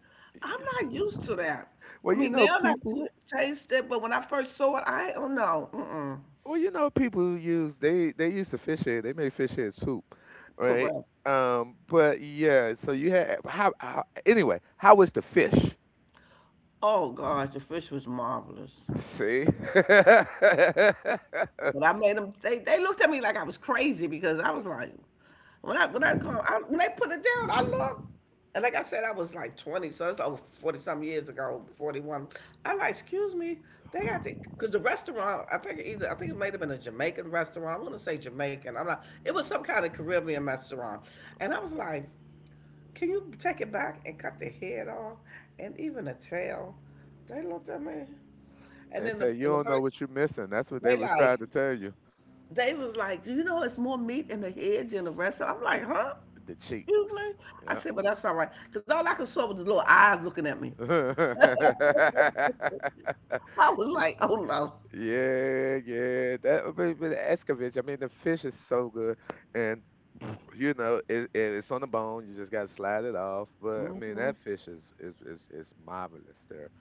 S2: I'm not used to that.
S1: Well,
S2: I
S1: you
S2: mean,
S1: know
S2: now I
S1: people.
S2: taste it, but when I first saw it, I don't know. Mm-mm.
S1: Well, you know people use they use the fish head. They make fish head soup, right?
S2: Correct.
S1: But yeah. So you had how anyway? How was the fish?
S2: Oh, gosh, the fish was marvelous.
S1: See, they
S2: But I made them, they looked at me like I was crazy because I was like, when I come, when they put it down, I look. And like I said, I was like 20, so it's over 40 some years ago, 41. I'm like, excuse me, because the restaurant, I think it might have been a Jamaican restaurant. I want to say Jamaican. I'm not, it was some kind of Caribbean restaurant. And I was like, can you take it back and cut the head off and even the tail? They looked at me. And then
S1: say you
S2: the
S1: don't know
S2: person,
S1: what you're missing. That's what they
S2: they
S1: was trying
S2: like,
S1: to tell you.
S2: they was like, you know, it's more meat in the head than the rest of. I'm like, huh?
S1: The
S2: Excuse
S1: cheeks.
S2: me? I said, but that's all right. Because all I could saw was his little eyes looking at me.
S1: Yeah.
S2: I was like, oh
S1: Yeah, yeah. But the escovitch, I mean, the fish is so good, and you know, it's on the bone. You just gotta slide it off. But I
S2: no.
S1: mean, that fish is marvelous there,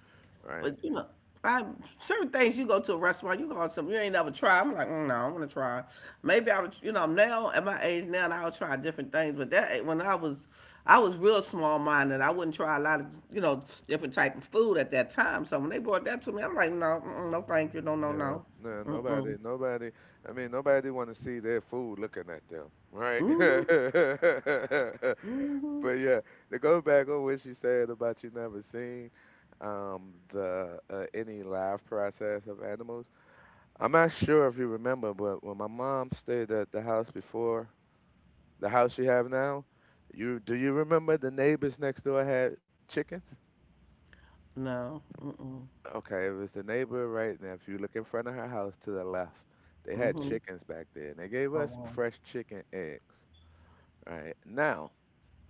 S1: right?
S2: But you know, I certain things you go to a restaurant, you go on something you ain't never tried. I'm like, mm, no, I'm gonna try. Maybe I would, you know, now at my age now, I'll try different things. But that when I was real small minded. I wouldn't try a lot of, you know, different type of food at that time. So when they brought that to me, I'm like, no, mm-mm, no, thank you, no, no,
S1: Yeah,
S2: no,
S1: no,
S2: mm
S1: nobody,
S2: mm,
S1: nobody. I mean, nobody want to see their food looking at them, right?
S2: mm mm,
S1: But yeah, to go back on what she said about you never seen the any live process of animals. I'm not sure if you remember, but when my mom stayed at the house before, the house you have now, you do you remember the neighbors next door had chickens?
S2: no, mm mm,
S1: Okay, it was the neighbor right now. If you look in front of her house to the left, they
S2: mm
S1: had
S2: mm.
S1: chickens back there, and they gave
S2: Oh,
S1: us some
S2: wow.
S1: fresh chicken eggs. Right now,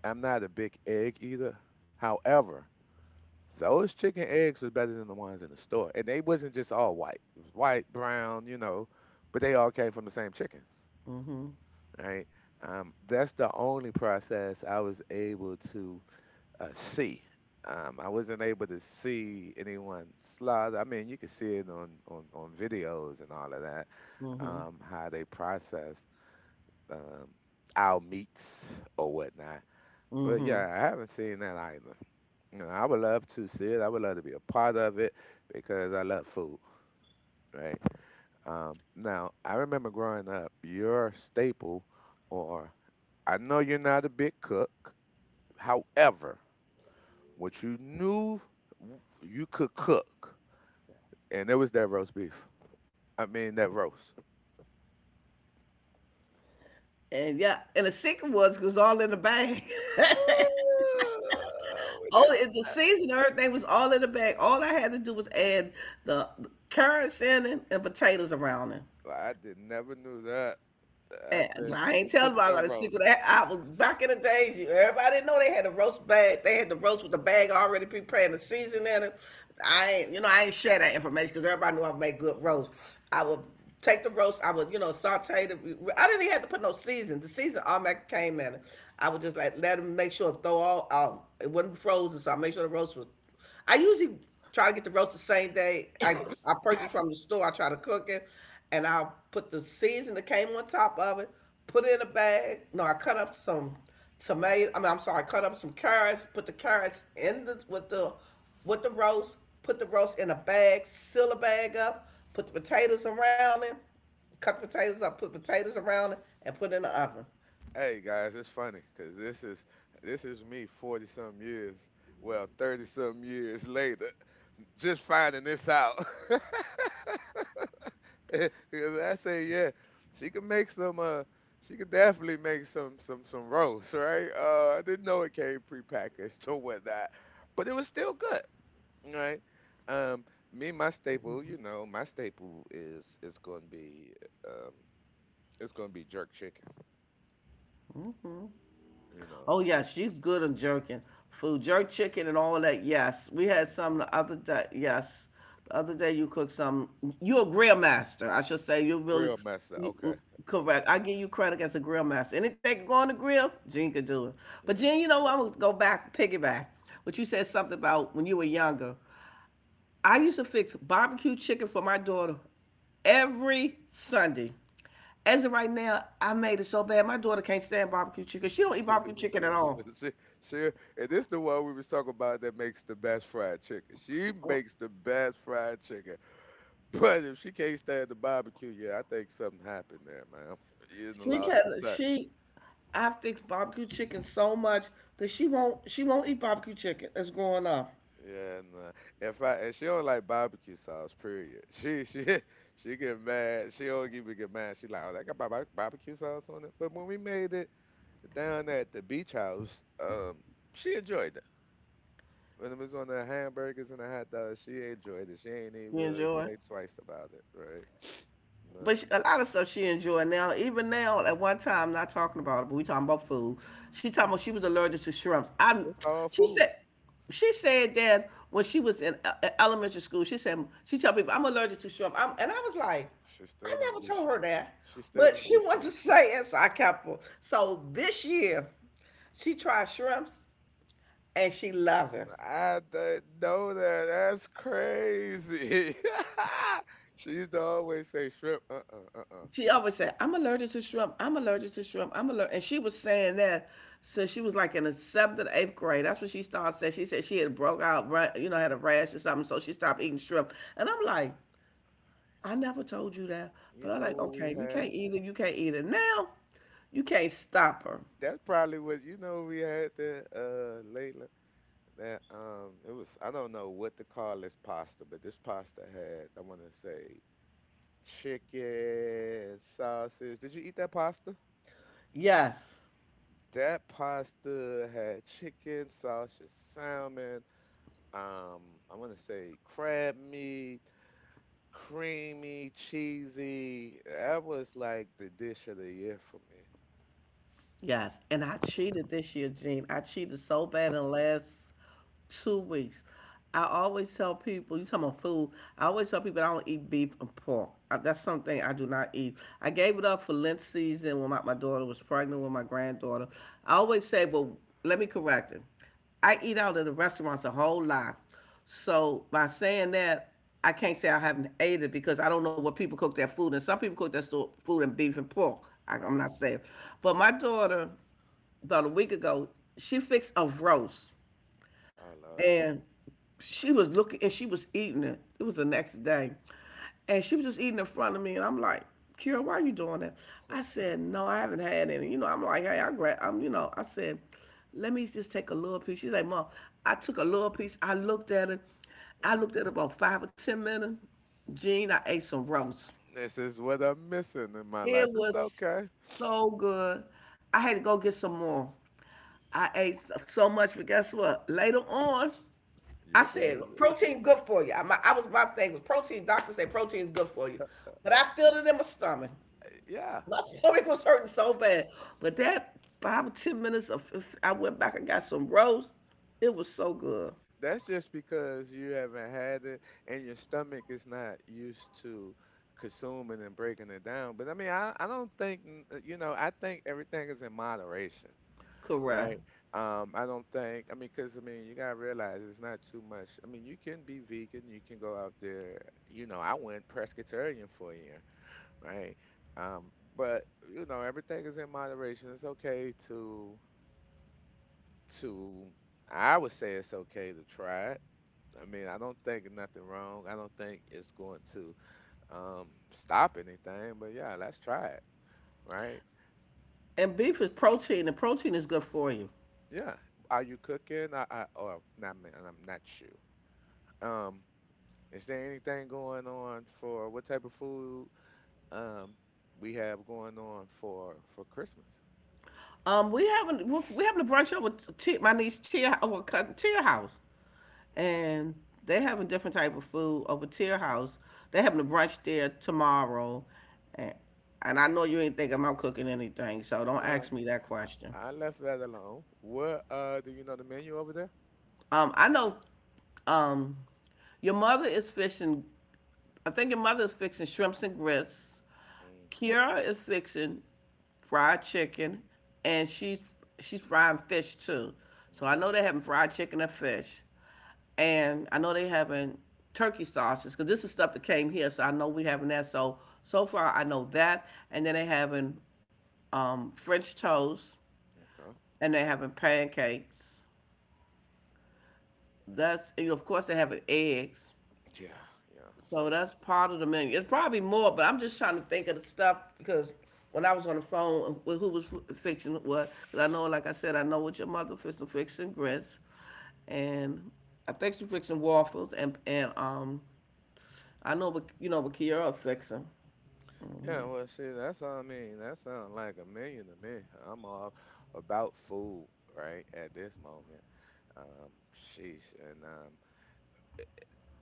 S1: I'm not a big egg either. However, those chicken eggs was better than the ones in the store, and they wasn't just all white. It was white, brown, you know, but they all came from the same chicken.
S2: Mm-hmm.
S1: Right? That's the only process I was able to see. I wasn't able to see anyone slaughter. I mean, you can see it on videos and all of that,
S2: Mm-hmm.
S1: how they process um, our meats or whatnot. But
S2: Mm-hmm.
S1: yeah, I haven't seen that either. You know, I would love to see it. I would love to be a part of it because I love food, right? Now, I remember growing up, your staple, or I know you're not a big cook, however, what you knew w- you could cook, and it was that roast beef. I mean, that roast.
S2: And yeah, and the secret was it was all in the bag.
S1: Oh, with
S2: All
S1: that-
S2: in the season, everything was all in the bag. All I had to do was add the carrots in it and potatoes around it.
S1: I did never knew that. I
S2: Yeah,
S1: said
S2: well, I
S1: she
S2: ain't
S1: could
S2: telling
S1: cook
S2: about
S1: some
S2: the
S1: roast.
S2: secret. I was back in the days. Everybody didn't know they had a roast bag. They had the roast with the bag already prepared, the season in it. I ain't, you know, I ain't share that information because everybody knew I made good roast. I would take the roast. I would, you know, saute the. I didn't even have to put no season. The season automatically came in it. I would just like let them make sure throw all. It wasn't frozen, so I made sure the roast was. I usually try to get the roast the same day I purchase from the store. I try to cook it, and I'll put the season that came on top of it, put it in a bag. No, I cut up some tomato. I mean, I'm sorry, cut up some carrots. Put the carrots in the with the roast. Put the roast in a bag. Seal a bag up. Put the potatoes around it. Cut the potatoes up. Put potatoes around it, and put it in the oven.
S1: Hey guys, it's funny because this is me 40 some years, well 30 some years later. Just finding this out. Because I say, yeah, she could make some. She could definitely make some roast, right? I didn't know it came prepackaged or whatnot, but it was still good, right? Um, Me, my staple, you know, my staple is going to be um, it's going to be jerk chicken, you know,
S2: Oh yeah, she's good on jerking food, jerk chicken and all of that. Yes, we had some the other day. Yes, the other day you cooked some. You're a grill master, I should say. You're really
S1: grill master.
S2: you,
S1: Okay,
S2: mm,
S1: okay,
S2: correct. I give you credit as a grill master. Anything can go on the grill, Jen could do it. But
S1: yeah,
S2: Jen, you know what? I'm gonna go back, piggyback. But you said something about when you were younger. I used to fix barbecue chicken for my daughter every Sunday. As of right now, I made it so bad. My daughter can't stand barbecue chicken. She don't eat barbecue chicken at all.
S1: she, she, and this the one we was talking about that makes the best fried chicken. She makes the best fried chicken. But if she can't stand the barbecue, yeah, I think something happened there, man. You done
S2: She
S1: lost the
S2: can
S1: touch.
S2: she I fix barbecue chicken so much that she won't eat barbecue chicken. It's growing up.
S1: Yeah, and if I and she don't like barbecue sauce, period. She she get mad. She don't even get mad. She like, oh, that got barbe- barbecue sauce on it. But when we made it down at the beach house, she enjoyed it. When it was on the hamburgers and the hot dogs, she enjoyed it. She ain't
S2: You
S1: even
S2: enjoy?
S1: think twice about it, right?
S2: But
S1: But
S2: she, a lot of stuff she enjoyed now. Even now, at one time, not talking about it, but we talking about food. She talking about she was allergic to shrimps.
S1: it's all
S2: She
S1: food.
S2: said, she said that when she was in elementary school, she said she tell people I'm allergic to shrimp. And I was like,
S1: She still
S2: I
S1: don't
S2: never
S1: eat
S2: told
S1: shrimp.
S2: her that,
S1: She still
S2: but
S1: don't
S2: she
S1: eat
S2: wanted
S1: shrimp.
S2: to say it, so I kept her. So this year, she tried shrimps and she loved it.
S1: I didn't know that. That's crazy. She used to always say shrimp.
S2: She always said, I'm allergic to shrimp. I'm allergic to shrimp. I'm allergic. And she was saying that. So she was like in the seventh or eighth grade. That's what she started saying. She said she had broke out, you know, had a rash or something. So she stopped eating shrimp. And I'm like, I never told you that. But
S1: You
S2: I'm
S1: know
S2: like,
S1: what we
S2: okay, you
S1: had?
S2: can't eat it. You can't eat it. Now, you can't stop her.
S1: That's probably what you know we had there, Layla. That it was I don't know what to call this pasta, but this pasta had I want to say chicken, sausage. Did you eat that pasta?
S2: Yes.
S1: That pasta had chicken, sausage, salmon. I'm gonna say crab meat, creamy, cheesy. That was like the dish of the year for me.
S2: Yes, and I cheated this year, Gene. I cheated so bad in the last 2 weeks. I always tell people, you talking about food, I always tell people I don't eat beef and pork. That's something I do not eat. I gave it up for Lent season when my daughter was pregnant with my granddaughter. I always say, well, let me correct it. I eat out at the restaurants a whole lot. So by saying that, I can't say I haven't ate it because I don't know what people cook their food. And some people cook their food in beef and pork.
S1: Right.
S2: I'm not saying. But my daughter, about a week ago, she fixed a roast
S1: Oh Lord.
S2: and she was looking and she was eating it. It was the next day. And she was just eating in front of me and I'm like, Kira, why are you doing that? I said, no, I haven't had any. You know, I'm like, hey, I grab I'm you know, I said, let me just take a little piece. She's like, Mom, I took a little piece, I looked at
S1: Mm.
S2: it about 5 or 10 minutes. Gene, I ate some roast.
S1: This is what I'm missing in my
S2: It
S1: life. It's
S2: was
S1: okay.
S2: so good. I had to go get some more. I ate so much, but guess what? Later on,
S1: You
S2: I
S1: regretted
S2: said
S1: it?
S2: protein good for you. I was my thing was protein. Doctors say protein's good for you, but I felt it in my stomach.
S1: Yeah.
S2: My stomach was hurting so bad. But that 5 or 10 minutes of if I went back and got some roast. It was so good,
S1: That's just because you haven't had it and your stomach is not used to consuming and breaking it down. But I mean, I don't think, n- you know, I think everything is in moderation,
S2: correct.
S1: right? I don't think, I mean, because I mean, you got to realize it's not too much. I mean, you can be vegan, you can go out there. You know, I went pescatarian for a year, right? Um, but, you know, everything is in moderation. It's okay to, I would say it's okay to try it. I mean, I don't think nothing wrong. I don't think it's going to stop anything. But yeah, let's try it, right?
S2: And beef is protein, and protein is good for you.
S1: Yeah. Are you cooking? I or not? Me- I'm not you. Um, is there anything going on for what type of food um we have going on for Christmas?
S2: We having a brunch over my niece Tia over cousin Tia house,
S1: Okay.
S2: and they having different type of food over Tia house. They having a brunch there tomorrow, and and I know you ain't thinking I'm cooking anything, so don't
S1: No,
S2: ask me that question.
S1: I left that alone. What do you know the menu over there?
S2: I know, um, your mother is fishing. I think your mother is fixing shrimps and grits.
S1: Mm,
S2: Kiara is fixing fried chicken, and she's frying fish too. So
S1: mm,
S2: I know they're having fried chicken and fish, and I know they having turkey sauces because this is stuff that came here. So I know we having that. So so far I know that, and then they having French toast,
S1: okay.
S2: and they having pancakes. That's and of course they having eggs.
S1: Yeah, yeah.
S2: So
S1: Stay
S2: that's part of the menu. It's probably more, but I'm just trying to think of the stuff because when I was on the phone with who was fixing what, because I know, like I said, I know what your mother fixing, fixing grits, and I think she fixing waffles, and I know what you know what Kiara's fixing.
S1: Yeah, well, shit, that's what I mean. That sounds like a million to me. I'm all about food, right, at this moment. Um, Sheesh, and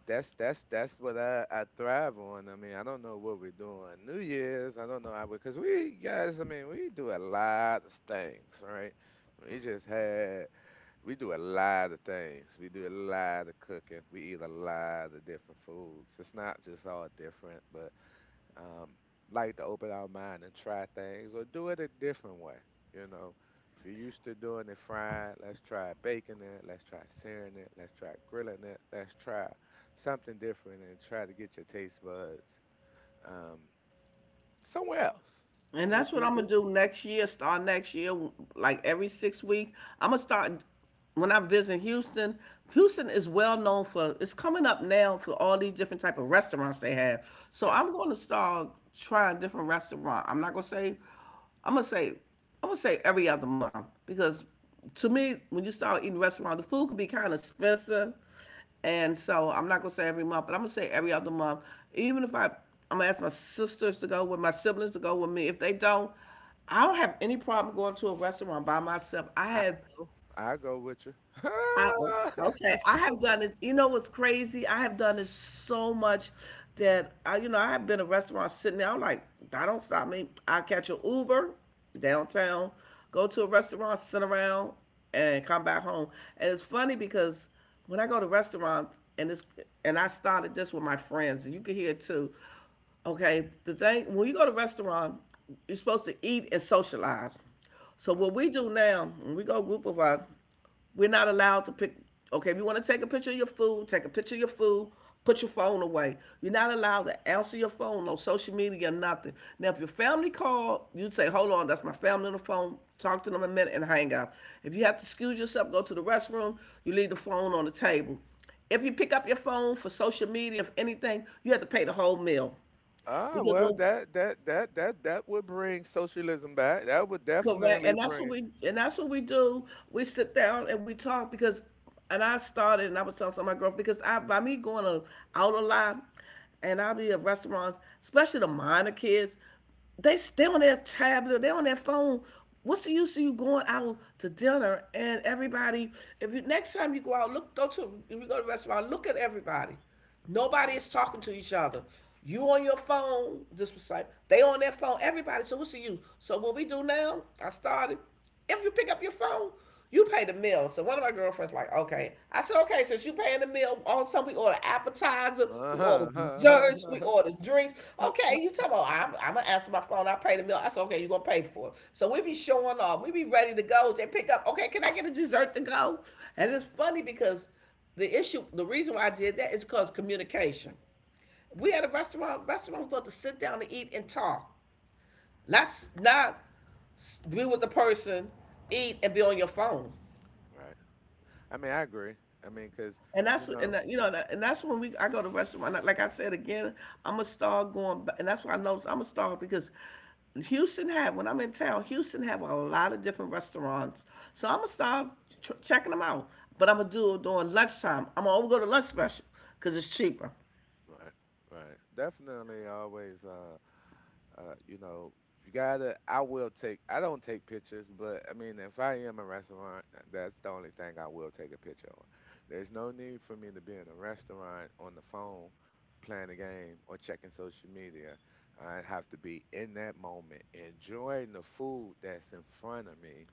S1: that's what I thrive on. I mean, I don't know what we're doing New Year's. I don't know how because we guys, I mean, we do a lot of things, right? We just had we do a lot of things. We do a lot of cooking. We eat a lot of different foods. It's not just all different, but um, like to open our mind and try things or do it a different way. You know, if you're used to doing it fried, let's try baking it, let's try searing it, let's try grilling it, let's try something different and try to get your taste buds um, somewhere else.
S2: And
S1: Would
S2: that's what
S1: you
S2: I'm
S1: agree?
S2: gonna do next year. Start next year, like every 6 week. I'm gonna start when I visit Houston. Houston is well known for. It's coming up now for all these different type of restaurants they have. So
S1: Yeah.
S2: I'm gonna start trying different restaurant. I'm not gonna say. I'm gonna say. I'm gonna say every other month because to me, when you start eating restaurant, the food could be kind of expensive, and so I'm not gonna say every month, but I'm gonna say every other month. Even if I, I'm gonna ask my sisters to go with my siblings to go with me. If they don't, I don't have any problem going to a restaurant by myself. I
S1: I
S2: have
S1: go, I go with you.
S2: I, o- okay, I have done it. You know what's crazy? I have done it so much that I, you know, I have been a restaurant sitting there. I'm like, I don't stop me. I catch an Uber downtown, go to a restaurant, sit around, and come back home. And it's funny because when I go to restaurants and it's and I started this with my friends, and you can hear it too. Okay, the thing when you go to restaurant, you're supposed to eat and socialize. So
S1: Right.
S2: what we do now, when we go group of us, we're not allowed to pick. Okay, if you want to take a picture of your food, take a picture of your food. Put your phone away. You're not allowed to answer your phone, no social media, nothing. Now, if your family called, you'd say, "Hold on, that's my family on the phone. Talk to them a minute and hang up." If you have to excuse yourself, go to the restroom. You leave the phone on the table. If you pick up your phone for social media, if anything, you have to pay the whole meal
S1: Ah,
S2: because
S1: well,
S2: when
S1: that that would bring socialism back. That would
S2: correct,
S1: definitely
S2: and
S1: bring.
S2: that's what we do. We sit down and we talk because, and I started and I was telling some of my girlfriend because I by me going out a lot, and I'll be at restaurants, especially the minor kids, they stay on their tablet, they on their phone. What's the use of you going out to dinner and everybody? If you next time you go out, look go to if you go to a restaurant, look at everybody. Nobody is talking to each other. You on your phone, just was like they on their phone. Everybody, so what's the use? So what we do now? I started. If you pick up your phone, you pay the meal. So one of my girlfriends like, okay. I said, okay, since you paying the meal, all of a sudden we order appetizer,
S1: Yeah.
S2: we order desserts,
S1: Uh-huh.
S2: we order drinks. Okay, you tell me, oh, I'm gonna answer my phone. I pay the meal. I said, okay, you gonna pay for it. So we be showing off. We be ready to go. They pick up. Okay, can I get a dessert to go? And it's funny because the issue, the reason why I did that is because communication. We at a restaurant. Restaurant was supposed to sit down and eat and talk. Not be with the person, eat and be on your phone.
S1: Right. I mean, I agree. I mean, because
S2: And
S1: you
S2: that's and
S1: know,
S2: that, you know that- and that's when we I go to restaurant. Like I said again, I'm gonna start going. And that's why I noticed I'm gonna start because Houston have when I'm in town, Houston have a lot of different restaurants. So I'm gonna start checking them out. But I'm gonna do it during lunchtime. I'm gonna go to lunch special because it's cheaper.
S1: right, right, definitely always. You know, you gotta. I will take. I don't take pictures, but I mean, if I am in a restaurant, that's the only thing I will take a picture on. There's no need for me to be in a restaurant on the phone, playing a game or checking social media. I have to be in that moment, enjoying the food that's in front of me,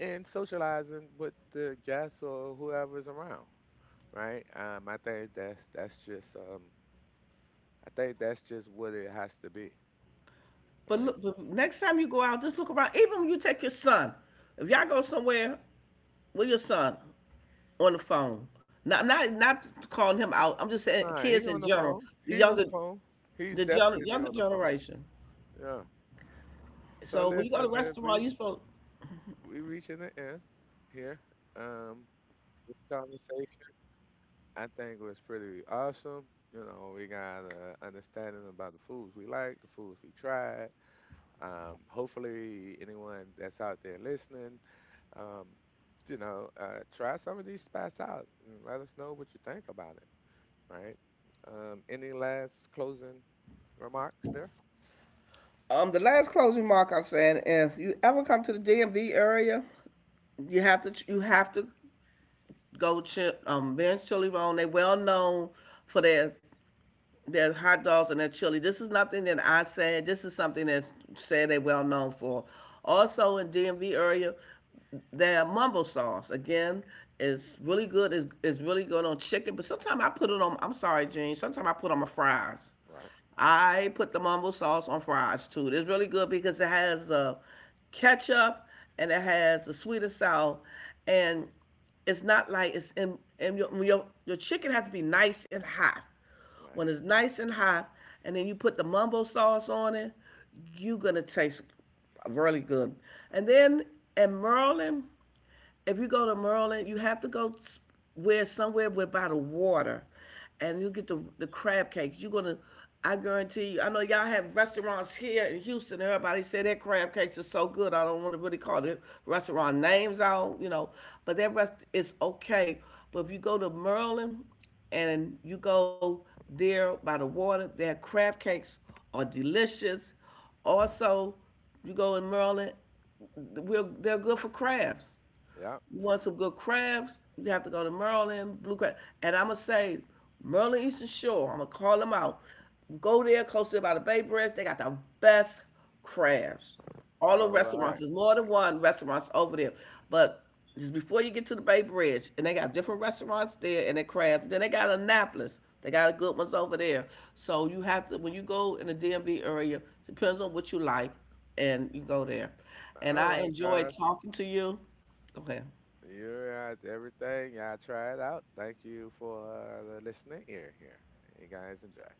S1: and socializing with the guests or whoever's around. Right? I think that's just I think that's just what it has to be,
S2: But
S1: right?
S2: look, but next time you go out, just look around. Even when you take your son, if y'all go somewhere with your son on the phone, not calling him out. I'm just saying
S1: Nah, he
S2: kids
S1: on
S2: in
S1: the
S2: general,
S1: phone.
S2: the
S1: He's on
S2: younger
S1: the phone. He's
S2: the
S1: definitely
S2: younger
S1: on the phone.
S2: generation.
S1: Yeah. So
S2: So when you go
S1: listen,
S2: to a
S1: then
S2: restaurant,
S1: we
S2: you supposed
S1: we reaching the end here. Um, this conversation I think was pretty awesome. You know, we got an understanding about the foods we like, the foods we tried. Hopefully, anyone that's out there listening, um, you know, try some of these spots out and let us know what you think about it. Right? Any last closing remarks there?
S2: the last closing remark I'm saying if you ever come to the DMV area, you have to go Ben's Chili Roll. They well known for their hot dogs and their chili. This is nothing that I said. This is something that's said they're well known for. Also in DMV area, their mumble sauce again is really good. Is really good on chicken, but sometimes I put it on. I'm sorry, Gene. Sometimes I put on my fries.
S1: Right.
S2: I put the mumble sauce on fries too. It's really good because it has a ketchup and it has a sweet and sour, and it's not like it's and your chicken has to be nice and hot. When
S1: Right.
S2: it's nice and hot, and then you put the mumbo sauce on it, you're gonna taste really good. And then in Maryland, if you go to Maryland, you have to go where somewhere where by the water, and you get the crab cakes. You're gonna, I guarantee you. I know y'all have restaurants here in Houston. Everybody say their crab cakes are so good. I don't want to really call the restaurant names out, you know, but that rest is okay. But if you go to Maryland, and you go there by the water, their crab cakes are delicious. Also, you go in Maryland, we're, they're good for crabs.
S1: Yep.
S2: You want some good crabs? You have to go to Maryland, Blue Crab. And I'm going to say, Maryland Eastern Shore, I'm going to call them out. Go there, close to by the Bay Bridge. They got the best crabs. All the
S1: All right.
S2: restaurants, there's more than one restaurants over there. But just before you get to the Bay Bridge, and they got different restaurants there and their crabs. Then they got Annapolis. They got good ones over there. So you have to, when you go in the DMV area, depends on what you like, and you go there. And
S1: All
S2: I
S1: right,
S2: enjoyed
S1: guys.
S2: talking to you. Go ahead.
S1: You're out to everything. Y'all try it out. Thank you for the listening ear here. You guys enjoy.